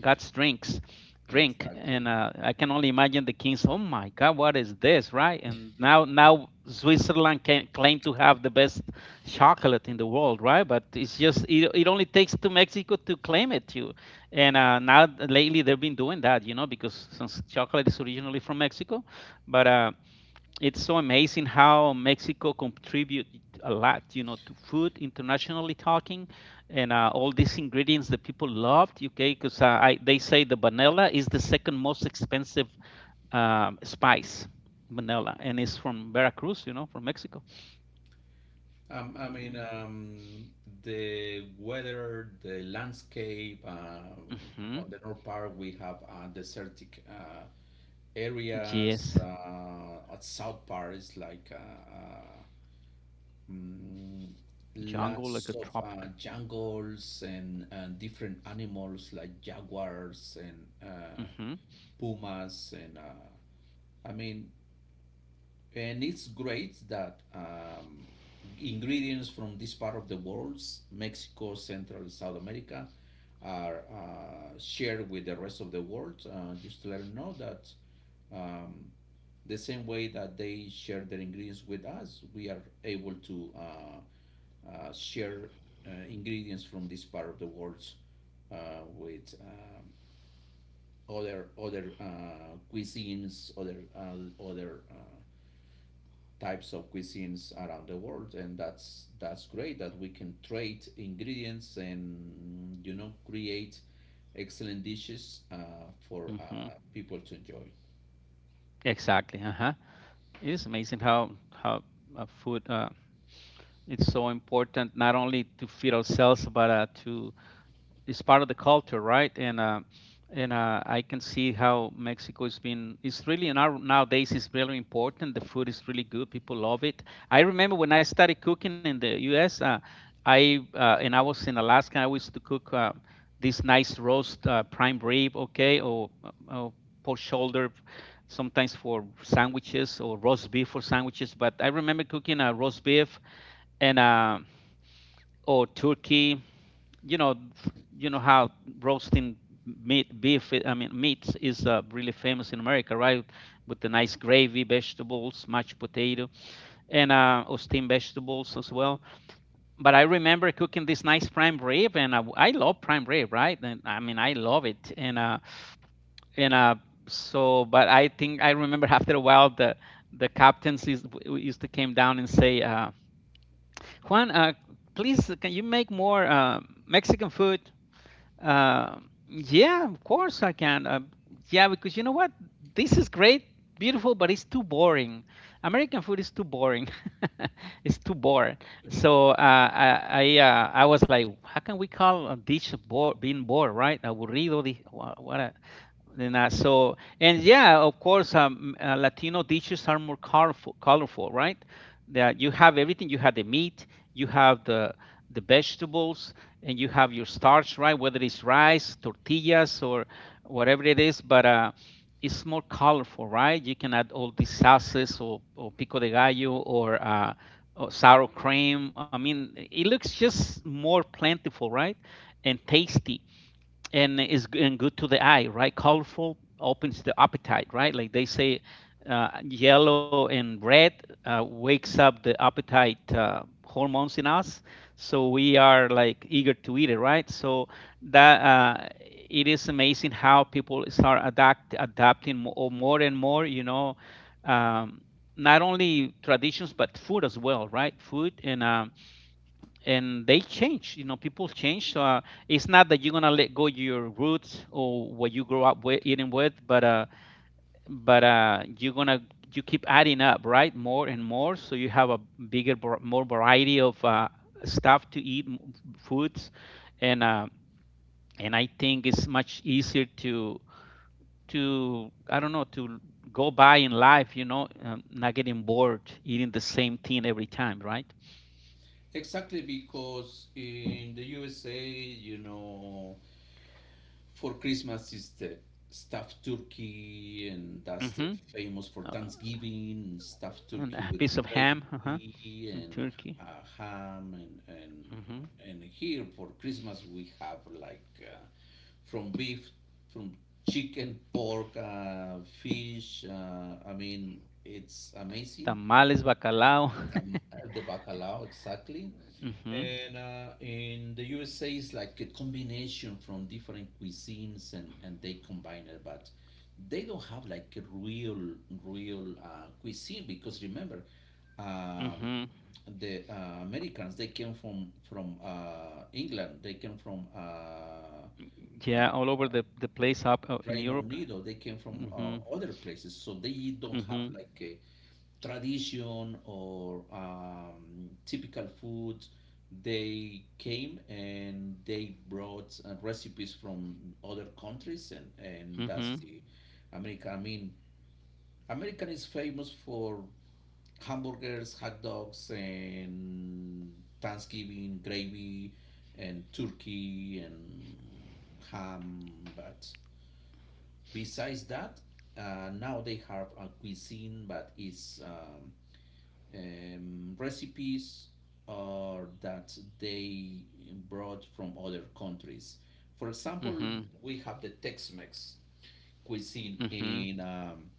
Speaker 2: God's drinks, drink. And
Speaker 1: exactly.
Speaker 2: I can only imagine the kings. Oh my God, what is this, right? Now Switzerland can claim to have the best chocolate in the world, right? But it only takes to Mexico to claim it to, and now lately they've been doing that, you know, because since chocolate is originally from Mexico, but it's so amazing how Mexico contribute a lot, you know, to food internationally talking, and all these ingredients that people loved. Okay, because I they say the vanilla is the second most expensive spice, vanilla, and it's from Veracruz, you know, from Mexico.
Speaker 1: I mean,
Speaker 2: Mm-hmm.
Speaker 1: the weather, the landscape.
Speaker 2: Hmm.
Speaker 1: On the north part, we have desertic areas.
Speaker 2: Yes,
Speaker 1: At south part, it's like mm,
Speaker 2: jungle like
Speaker 1: lots
Speaker 2: a
Speaker 1: of
Speaker 2: tropic.
Speaker 1: jungles and different animals like jaguars and
Speaker 2: Mm-hmm.
Speaker 1: pumas and I mean, and it's great that ingredients from this part of the world, Mexico, Central, South America, are shared with the rest of the world. Just to let them know that um, the same way that they share their ingredients with us, we are able to share ingredients from this part of the world uh, with other cuisines, other types of cuisines around the world, and that's great that we can trade ingredients and you know create excellent dishes for
Speaker 2: Mm-hmm.
Speaker 1: people to enjoy
Speaker 2: Exactly. Uh-huh. It is amazing how food it's so important not only to feed ourselves but to it's part of the culture, right? And I can see how Mexico has been. It's really now nowadays is really important. The food is really good. People love it. I remember when I started cooking in the U.S. I and I was in Alaska. I used to cook this nice roast prime rib, okay, or pork shoulder, sometimes for sandwiches or roast beef for sandwiches. But I remember cooking a roast beef and or turkey, you know, you know how, roasting meat, beef I mean meat is really famous in America, right, with the nice gravy, vegetables, mashed potato, and or steamed vegetables as well. But I remember cooking this nice prime rib and I love prime rib, right, and I mean I love it. And so But I think I remember, after a while, the captains used to came down and say, Juan, please, can you make more Mexican food? uh, yeah, of course I can. Yeah, because you know what? This is great, beautiful, but it's too boring. American food is too boring. [laughs] It's too boring. So I was like, how can we call a dish being bored, right? Aburrido. What a, then so and yeah, of course, Latino dishes are more colorful, colorful, right? That you have everything. You have the meat, you have the vegetables, and you have your starch, right, whether it's rice, tortillas, or whatever it is. But It's more colorful, right? You can add all these sauces, or pico de gallo or sour cream. I mean, it looks just more plentiful, right, and tasty, and is g- and good to the eye, right? Colorful opens the appetite, right, like they say. Yellow and red wakes up the appetite hormones in us, so we are like eager to eat it, right? So that it is amazing how people start adapting more and more, you know. um, Not only traditions but food as well, right? Food. And they change, you know, people change. So it's not that you're gonna let go your roots or what you grow up with eating with, but you're gonna, you keep adding up, right, more and more, so you have a bigger, more variety of stuff to eat, foods. And uh, and I think it's much easier to I don't know, to go by in life, you know. Not getting bored eating the same thing every time, right?
Speaker 1: exactly because in the USA you know for Christmas is the stuffed turkey, and that's the
Speaker 2: Mm-hmm.
Speaker 1: famous for
Speaker 2: Uh,
Speaker 1: Thanksgiving, stuffed
Speaker 2: and
Speaker 1: turkey
Speaker 2: a
Speaker 1: with
Speaker 2: piece of ham, uh-huh,
Speaker 1: gravy
Speaker 2: and
Speaker 1: and
Speaker 2: turkey.
Speaker 1: uh, ham,
Speaker 2: Mm-hmm.
Speaker 1: and here for Christmas we have like from beef, from chicken, pork, fish. I mean, it's amazing
Speaker 2: Tamales, bacalao.
Speaker 1: the bacalao exactly.
Speaker 2: [laughs] Mm-hmm.
Speaker 1: And in the USA it's like a combination from different cuisines and they combine it but they don't have like a real real cuisine because remember um,
Speaker 2: Mm-hmm.
Speaker 1: the americans they came from england they came from
Speaker 2: Yeah, all over the place up in
Speaker 1: Reino
Speaker 2: Europe.
Speaker 1: Unido, they came from
Speaker 2: Mhm,
Speaker 1: other places, so they don't have
Speaker 2: mhm,
Speaker 1: like a, tradition or typical foods. They came and they brought recipes from other countries, and that's
Speaker 2: mhm,
Speaker 1: the American. I mean, American is famous for hamburgers, hot dogs, and Thanksgiving gravy, and turkey, and ham. But besides that, now they have a cuisine, but it's recipes or that they brought from other countries. For example,
Speaker 2: mhm,
Speaker 1: we have the Tex-Mex cuisine
Speaker 2: mhm,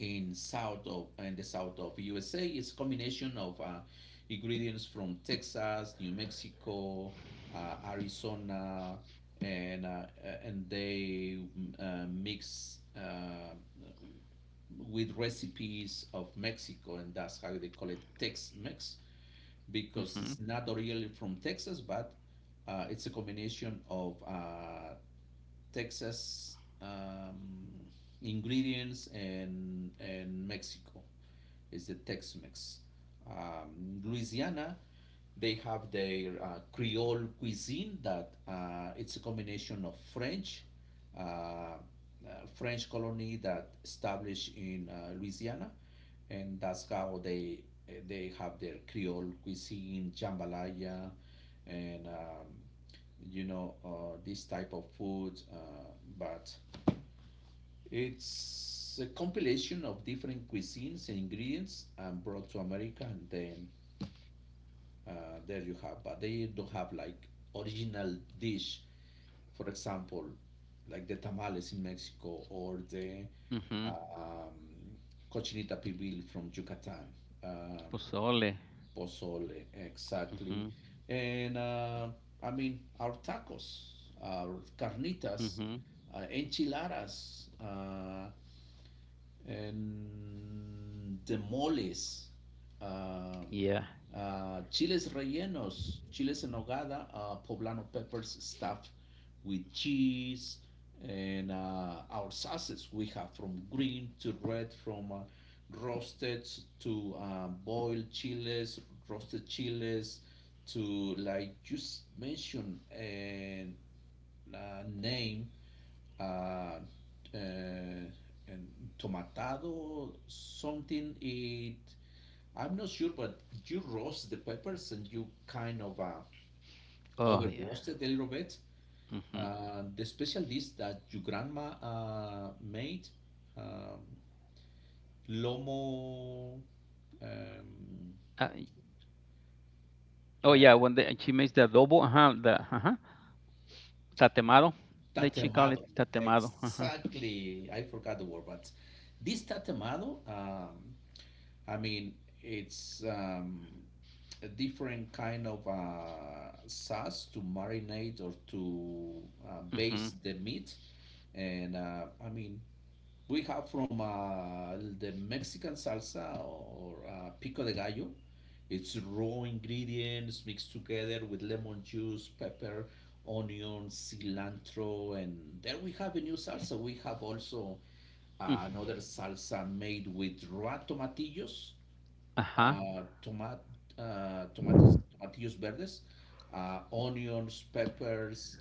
Speaker 1: in south of in the south of USA. It's a combination of ingredients from Texas, New Mexico, Arizona, and uh, and they mix. With recipes of Mexico, and that's how they call it Tex-Mex because
Speaker 2: mhm,
Speaker 1: it's not really from Texas, but it's a combination of Texas ingredients and Mexico is the Tex-Mex. Louisiana, they have their Creole cuisine that it's a combination of French, uh, uh, French colony that established in Louisiana, and that's how they have their Creole cuisine, jambalaya, and you know this type of food. But it's a compilation of different cuisines and ingredients and brought to America, and then there you have. But they don't have like original dish, for example, like the tamales in Mexico or the
Speaker 2: mhm.
Speaker 1: uh, um, cochinita pibil from Yucatan, um
Speaker 2: Pozole.
Speaker 1: pozole
Speaker 2: Mhm,
Speaker 1: exactly, and I mean our tacos, our carnitas,
Speaker 2: mhm.
Speaker 1: enchiladas. And demoles, ah,
Speaker 2: Yeah.
Speaker 1: ah, chiles rellenos, chiles en nogada, ah, poblano peppers stuffed with cheese, and our sauces we have from green to red, from roasted to boiled chiles, roasted chiles to like just mentioned and name uh, uh, and tomatado something it I'm not sure but you roast the peppers and you kind of
Speaker 2: Oh,
Speaker 1: over
Speaker 2: yeah.
Speaker 1: roast it a little bit
Speaker 2: Mhm.
Speaker 1: the special dish that your grandma made um, lomo um,
Speaker 2: Uh, oh,
Speaker 1: uh,
Speaker 2: yeah. When, the, she makes the adobo, uh-huh, the uh-huh, tatemado. That she call it
Speaker 1: Tatemado.
Speaker 2: tatemado. Uh-huh.
Speaker 1: Exactly. I forgot the word, but this tatemado, I mean, it's a different kind of sauce to marinate or to
Speaker 2: Mhm.
Speaker 1: base the meat. And uh, I mean, we have from the Mexican salsa or pico de gallo. It's raw ingredients mixed together with lemon juice, pepper, onion, cilantro, and there we have a new salsa. We have also
Speaker 2: Mm.
Speaker 1: another salsa made with raw tomatillos,
Speaker 2: Uh-huh.
Speaker 1: uh, tomat, tomates, tomatillos verdes, onions, peppers,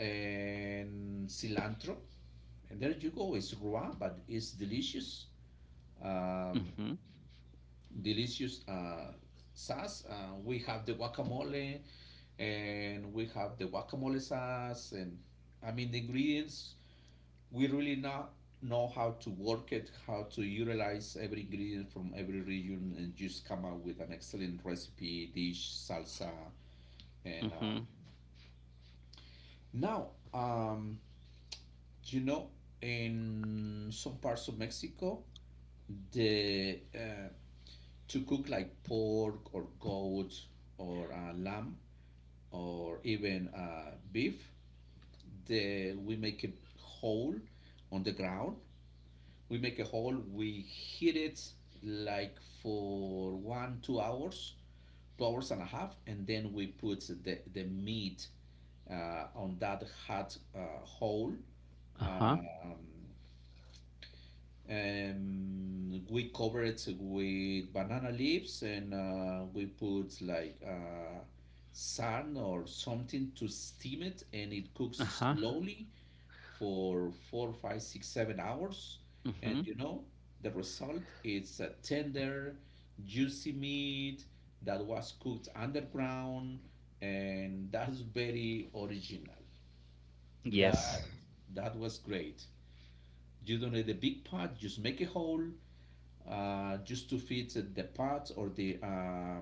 Speaker 1: and cilantro. And there you go. It's raw, but it's delicious. Um,
Speaker 2: Mhm.
Speaker 1: delicious sauce. We have the guacamole, and we have the guacamole sauce, and I mean the ingredients. We really not know how to work it, how to utilize every ingredient from every region, and just come up with an excellent recipe, dish, salsa, and um,
Speaker 2: Mhm.
Speaker 1: now um, you know in some parts of Mexico the to cook like pork or goat or lamb or even beef. The, we make a hole on the ground. We make a hole. We heat it like for 1 2 hours, 2 hours and a half, and then we put the meat on that hot hole.
Speaker 2: Uh-huh.
Speaker 1: Um, we cover it with banana leaves and we put like sun or something to steam it, and it cooks
Speaker 2: Uh-huh.
Speaker 1: slowly for 4, 5, 6, 7 hours. And
Speaker 2: Mhm.
Speaker 1: you know, the result is a tender, juicy meat that was cooked underground, and that's very original. That
Speaker 2: Yes.
Speaker 1: that was great. You don't need a big pot, just make a hole, just to fit the parts or the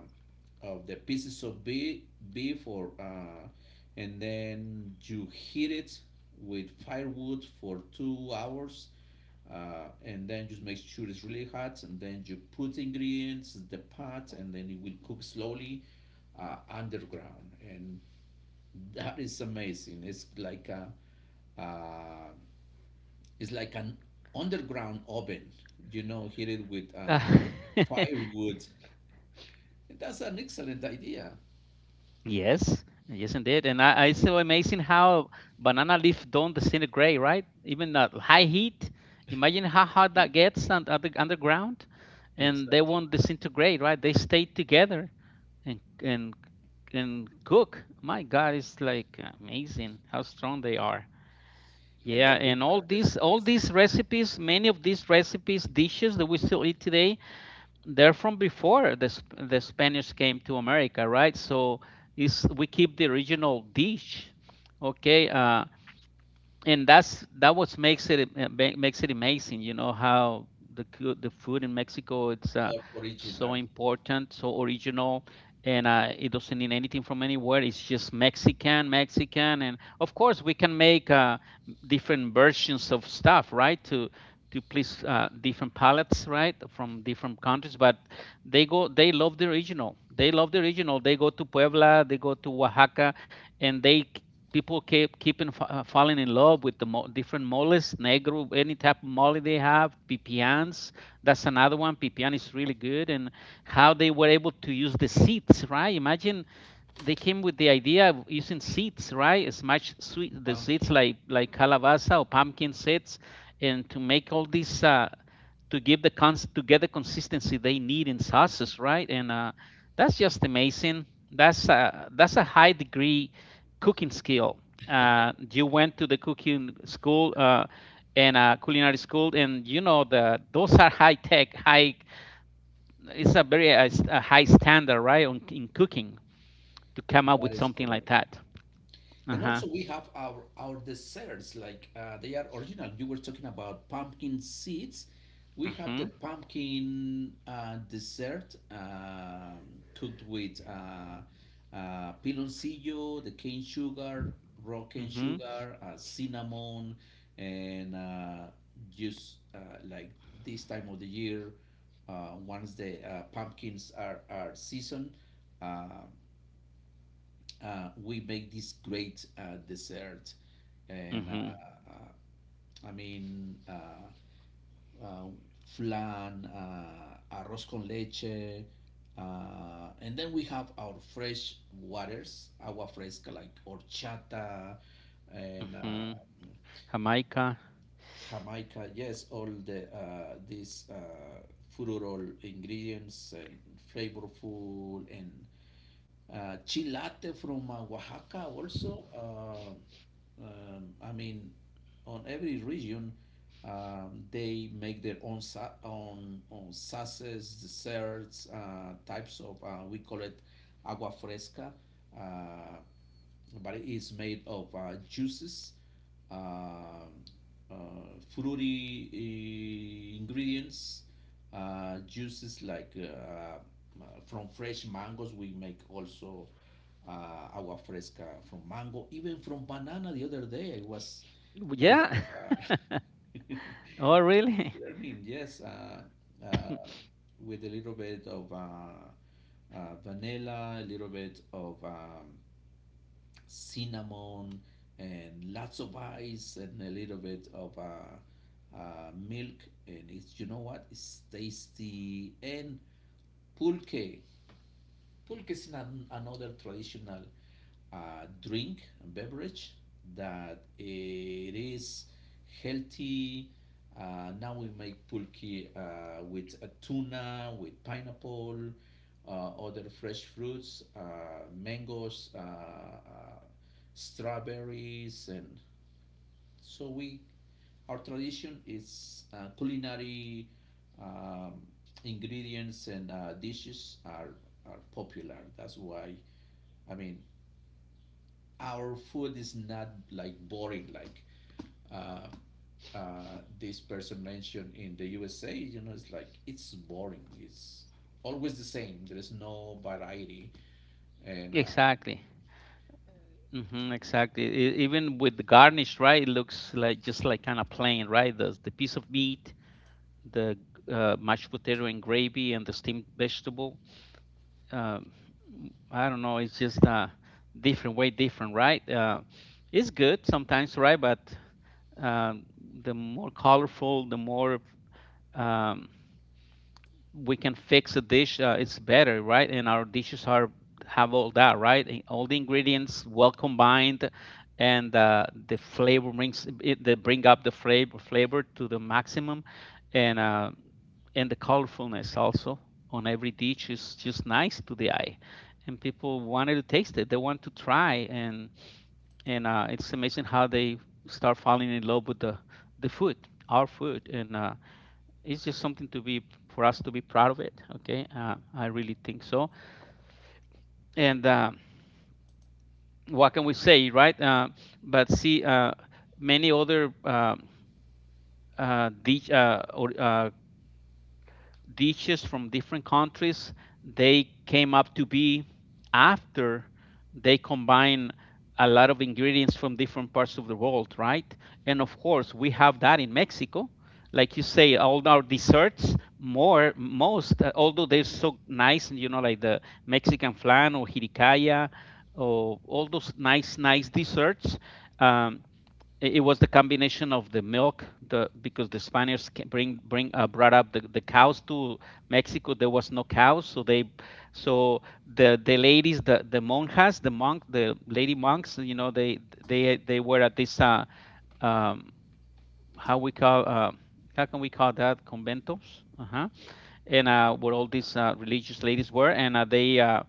Speaker 1: of the pieces of beef, beef or and then you heat it with firewood for 2 hours, and then just make sure it's really hot, and then you put ingredients in the pot and then it will cook slowly underground. And that is amazing. It's like a uh, it's like an underground oven, you know, heated with
Speaker 2: Ah. [laughs]
Speaker 1: firewood. That's an excellent idea.
Speaker 2: Yes, yes, indeed. And I so amazing how banana leaf don't disintegrate, right? Even at high heat. Imagine how hot that gets on underground, and they
Speaker 1: Exactly.
Speaker 2: won't disintegrate, right? They stay together and cook. My God, it's like amazing how strong they are.
Speaker 1: And
Speaker 2: Yeah,
Speaker 1: then we
Speaker 2: and
Speaker 1: have the
Speaker 2: all
Speaker 1: snacks,
Speaker 2: these recipes, many of these recipes, dishes that we still eat today, they're from before the Spanish came to America, right? So is we keep the original dish, okay? And that's that what makes it makes it amazing. You know how the food in Mexico it's
Speaker 1: our
Speaker 2: so
Speaker 1: original
Speaker 2: important, so original, and it doesn't need anything from anywhere. It's just Mexican, Mexican, and of course we can make different versions of stuff, right? To please different palettes, right, from different countries. But they go, they love the original. They love the original. They go to Puebla, they go to Oaxaca, and they, people keep falling in love with the different moles, negro, any type of mole they have, pipians. That's another one. Pipian is really good, and how they were able to use the seeds, right? Imagine they came with the idea of using seeds, right? Smash sweet the seeds
Speaker 1: pumpkin.
Speaker 2: like calabaza or pumpkin seeds, and to make all these to give the cons to get the consistency they need in sauces, right? And that's just amazing. That's a high degree cooking skill. You went to the cooking school and culinary school, and you know the those are high tech, high. It's a very a high standard, right, in cooking to come up
Speaker 1: That
Speaker 2: with
Speaker 1: is
Speaker 2: something like
Speaker 1: correct.
Speaker 2: that. Uh
Speaker 1: And
Speaker 2: huh.
Speaker 1: also we have our desserts like they are original. You were talking about pumpkin seeds. We have the
Speaker 2: Mhm.
Speaker 1: pumpkin dessert cooked with piloncillo, the cane sugar, raw cane
Speaker 2: Mhm.
Speaker 1: sugar, cinnamon, and just like this time of the year, once the pumpkins are seasoned, uh, we make this great dessert and
Speaker 2: Mhm.
Speaker 1: uh, i mean uh, uh, flan, arroz con leche, and then we have our fresh waters agua fresca like horchata and
Speaker 2: Mhm. Jamaica.
Speaker 1: jamaica. Yes, all these fruit ingredients, and flavorful, and chilate from Oaxaca also. On every region, they make their own sauces, desserts, types of we call it agua fresca. Uh, but it is made of juices, uh, uh, fruity ingredients, juices like from fresh mangoes. We make also agua fresca from mango, even from banana. The other day, I was, I was
Speaker 2: Yeah.
Speaker 1: uh,
Speaker 2: [laughs]
Speaker 1: [laughs] was
Speaker 2: Oh, really? [laughs]
Speaker 1: learning. Yes, uh, with a little bit of vanilla, a little bit of cinnamon, and lots of ice, and a little bit of milk, and it's, you know what, it's tasty. And pulque, pulque is another traditional drink and beverage that it is healthy. Now we make pulque with a tuna, with pineapple, other fresh fruits, mangoes, strawberries, and so we, our tradition is culinary um, ingredients, and dishes are popular. That's why, I mean, our food is not like boring like uh, this person mentioned in the USA. You know, it's like it's boring. It's always the same. There is no variety, and
Speaker 2: Exactly. Mm-hmm, exactly. Even with the garnish, right? It looks like just like kind of plain, right? The piece of meat, the mashed potato and gravy, and the steamed vegetable. Um, I don't know. It's just different way, different, right? It's good sometimes, right? But um, the more colorful, the more um, we can fix a dish, it's better, right? And our dishes are have all that, right? And all the ingredients well combined, and the flavor brings it, they bring up the flavor to the maximum, and and the colorfulness also on every dish is just nice to the eye, and people wanted to taste it, they want to try, and it's amazing how they start falling in love with the food, our food, and it's just something to be, for us to be proud of it. Okay, I really think so. And what can we say, right? But see, many other dig- or, dishes from different countries. They came up to be after they combine a lot of ingredients from different parts of the world, right? And of course, we have that in Mexico. Like you say, all our desserts, more most, although they're so nice, you know, like the Mexican flan or hiricaya, or all those nice, nice desserts. Um, it was the combination of the milk, the, because the spaniards bring bring brought up the cows to Mexico. There was no cows, so they, so the ladies, the monjas, the monk, the lady monks, you know, they they were at this um how we call, how can we call that, conventos. Uh-huh. And, where all these religious ladies were, and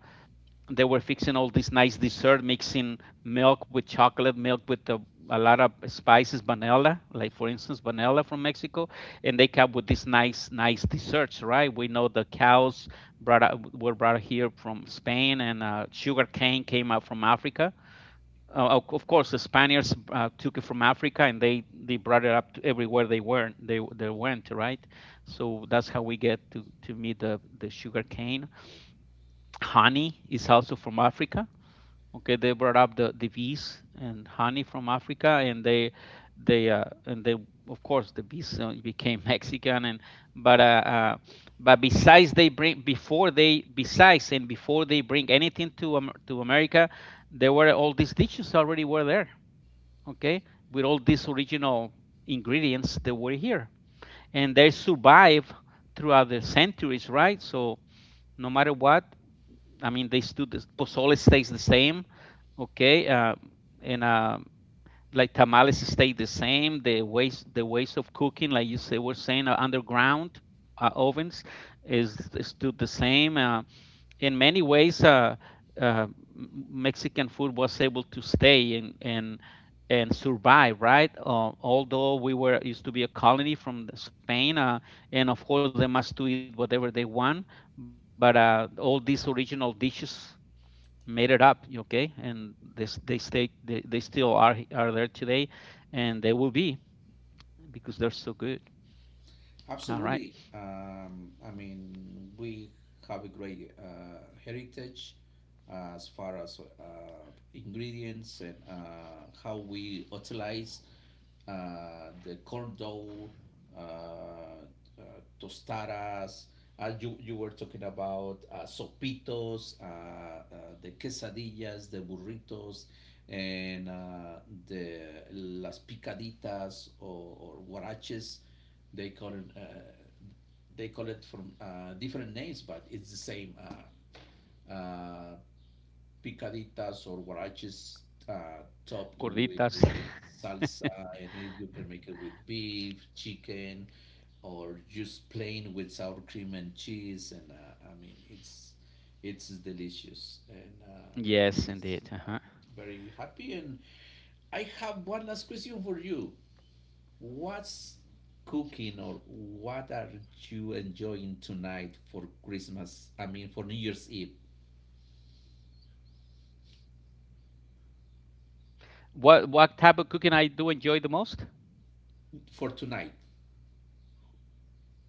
Speaker 2: they were fixing all this nice dessert, mixing milk with chocolate, milk with a lot of spices, vanilla, like for instance, vanilla from Mexico, and they come with these nice, nice desserts, right? We know the cows brought out, were brought here from Spain, and sugar cane came out from Africa. Of course, the Spaniards took it from Africa, and they brought it up to everywhere they were, they went, right? So that's how we get to meet the sugar cane. Honey is also from Africa. Okay, they brought up the bees and honey from Africa, and they, of course the bees became [laughs] Mexican, and but uh, uh but besides they bring before they besides and before they bring anything to America, there were all these dishes already were there. Okay, with all these original ingredients that were here, and they survive throughout the centuries, right? So no matter what, I mean, they still, the pozole stays the same, okay, and like tamales stay the same. The ways of cooking, like you say, were saying, underground ovens is still the same. In many ways, uh, Mexican food was able to stay and and survive, right? Although we were used to be a colony from Spain, and of course they must do it whatever they want. But all these original dishes made it up. Okay, and this, they stay, they still are there today, and they will be, because they're so good.
Speaker 1: absolutely.
Speaker 2: All right.
Speaker 1: We have a great heritage as far as ingredients and how we utilize the corn dough. Uh, Tostadas. You, you were talking about sopitos, the quesadillas, the burritos, and the las picaditas, or huaraches. They call it uh, they call it from different names, but it's the same uh, uh, picaditas or huaraches topped with
Speaker 2: Gorditas.
Speaker 1: salsa, and it, you can make it with beef, chicken, or just plain with sour cream and cheese. And, I mean, it's delicious, and
Speaker 2: [laughs]
Speaker 1: yes,
Speaker 2: Yes,
Speaker 1: I'm
Speaker 2: indeed. Uh-huh.
Speaker 1: very happy. And I have one last question for you. What's cooking, or what are you enjoying tonight for Christmas? I mean, for New Year's Eve,
Speaker 2: What type of cooking I do enjoy the most?
Speaker 1: for tonight.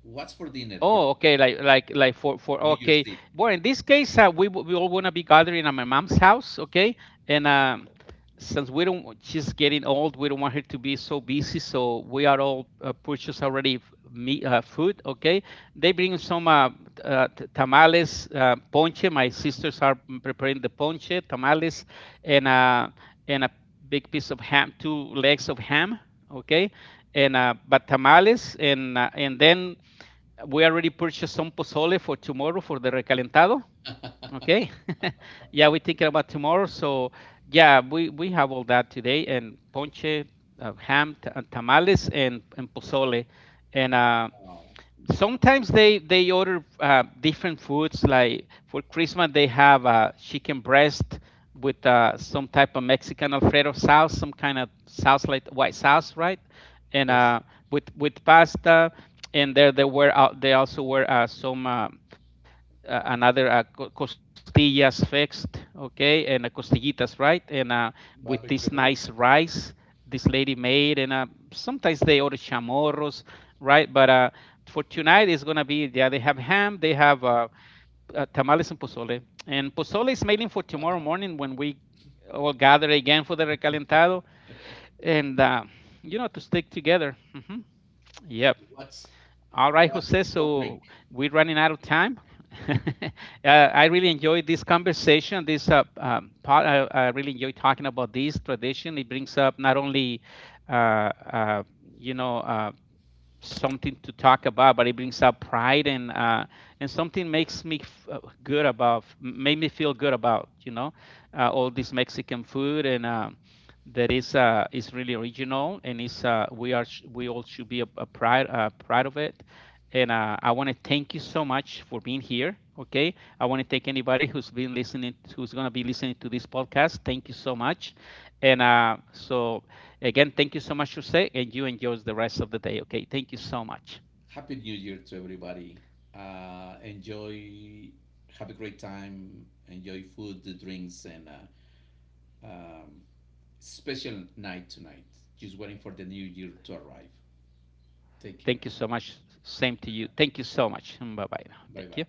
Speaker 1: What's for dinner
Speaker 2: Oh, okay. Like for,
Speaker 1: for New Year's
Speaker 2: okay.
Speaker 1: Eve?
Speaker 2: Well, in this case, we w- we all wanna be gathering at my mom's house, okay? And since we don't, want- she's getting old, we don't want her to be so busy. So we are all purchased already, f- meat, food, okay? They bring some t- tamales, ponche. My sisters are m- preparing the ponche, tamales, and uh, and a big piece of ham, two legs of ham, okay? And but tamales, and then we already purchased some pozole for tomorrow for the recalentado. Okay. [laughs] Yeah, we're thinking about tomorrow. So yeah, we have all that today, and ponche, ham, t- tamales, and pozole. And
Speaker 1: Wow.
Speaker 2: sometimes they order different foods. Like for Christmas, they have a chicken breast with some type of Mexican alfredo sauce, some kind of sauce, like white sauce, right? and
Speaker 1: Yes,
Speaker 2: With pasta, and there they were they also were some another costillas fixed, okay, and costillitas, right? And With this
Speaker 1: barbecue
Speaker 2: nice
Speaker 1: ribs.
Speaker 2: rice this lady made, and sometimes they order chamorros, right? But for tonight, it's gonna be, yeah, they have ham, they have tamales and pozole is mainly for tomorrow
Speaker 1: Wow.
Speaker 2: morning when we all gather again for the recalentado, and you know, to stick together. Hmm. Yep.
Speaker 1: What's
Speaker 2: All right,
Speaker 1: what's
Speaker 2: Jose.
Speaker 1: for drink?
Speaker 2: So we're running out of time. [laughs] I really enjoyed this conversation. This part, I really enjoy talking about this tradition. It brings up not only, uh, uh, you know, something to talk about, but it brings out pride, and and something makes me f- good about, made me feel good about, you know, all this Mexican food, and that is really original, and is we are sh- we all should be a pride, proud of it. And I want to thank you so much for being here. Okay, I want to thank anybody who's been listening, who's gonna be listening to this podcast. Thank you so much. And again, thank you so much, Jose, and you enjoy the rest of the day. Okay, thank you so much.
Speaker 1: Happy New Year to everybody. Enjoy, have a great time. Enjoy food, the drinks, and um, special night tonight. Just waiting for the new year to arrive. Take
Speaker 2: Thank you
Speaker 1: care.
Speaker 2: so much. Same to you. Thank you so much. Bye bye now. Thank
Speaker 1: Bye
Speaker 2: you.
Speaker 1: bye.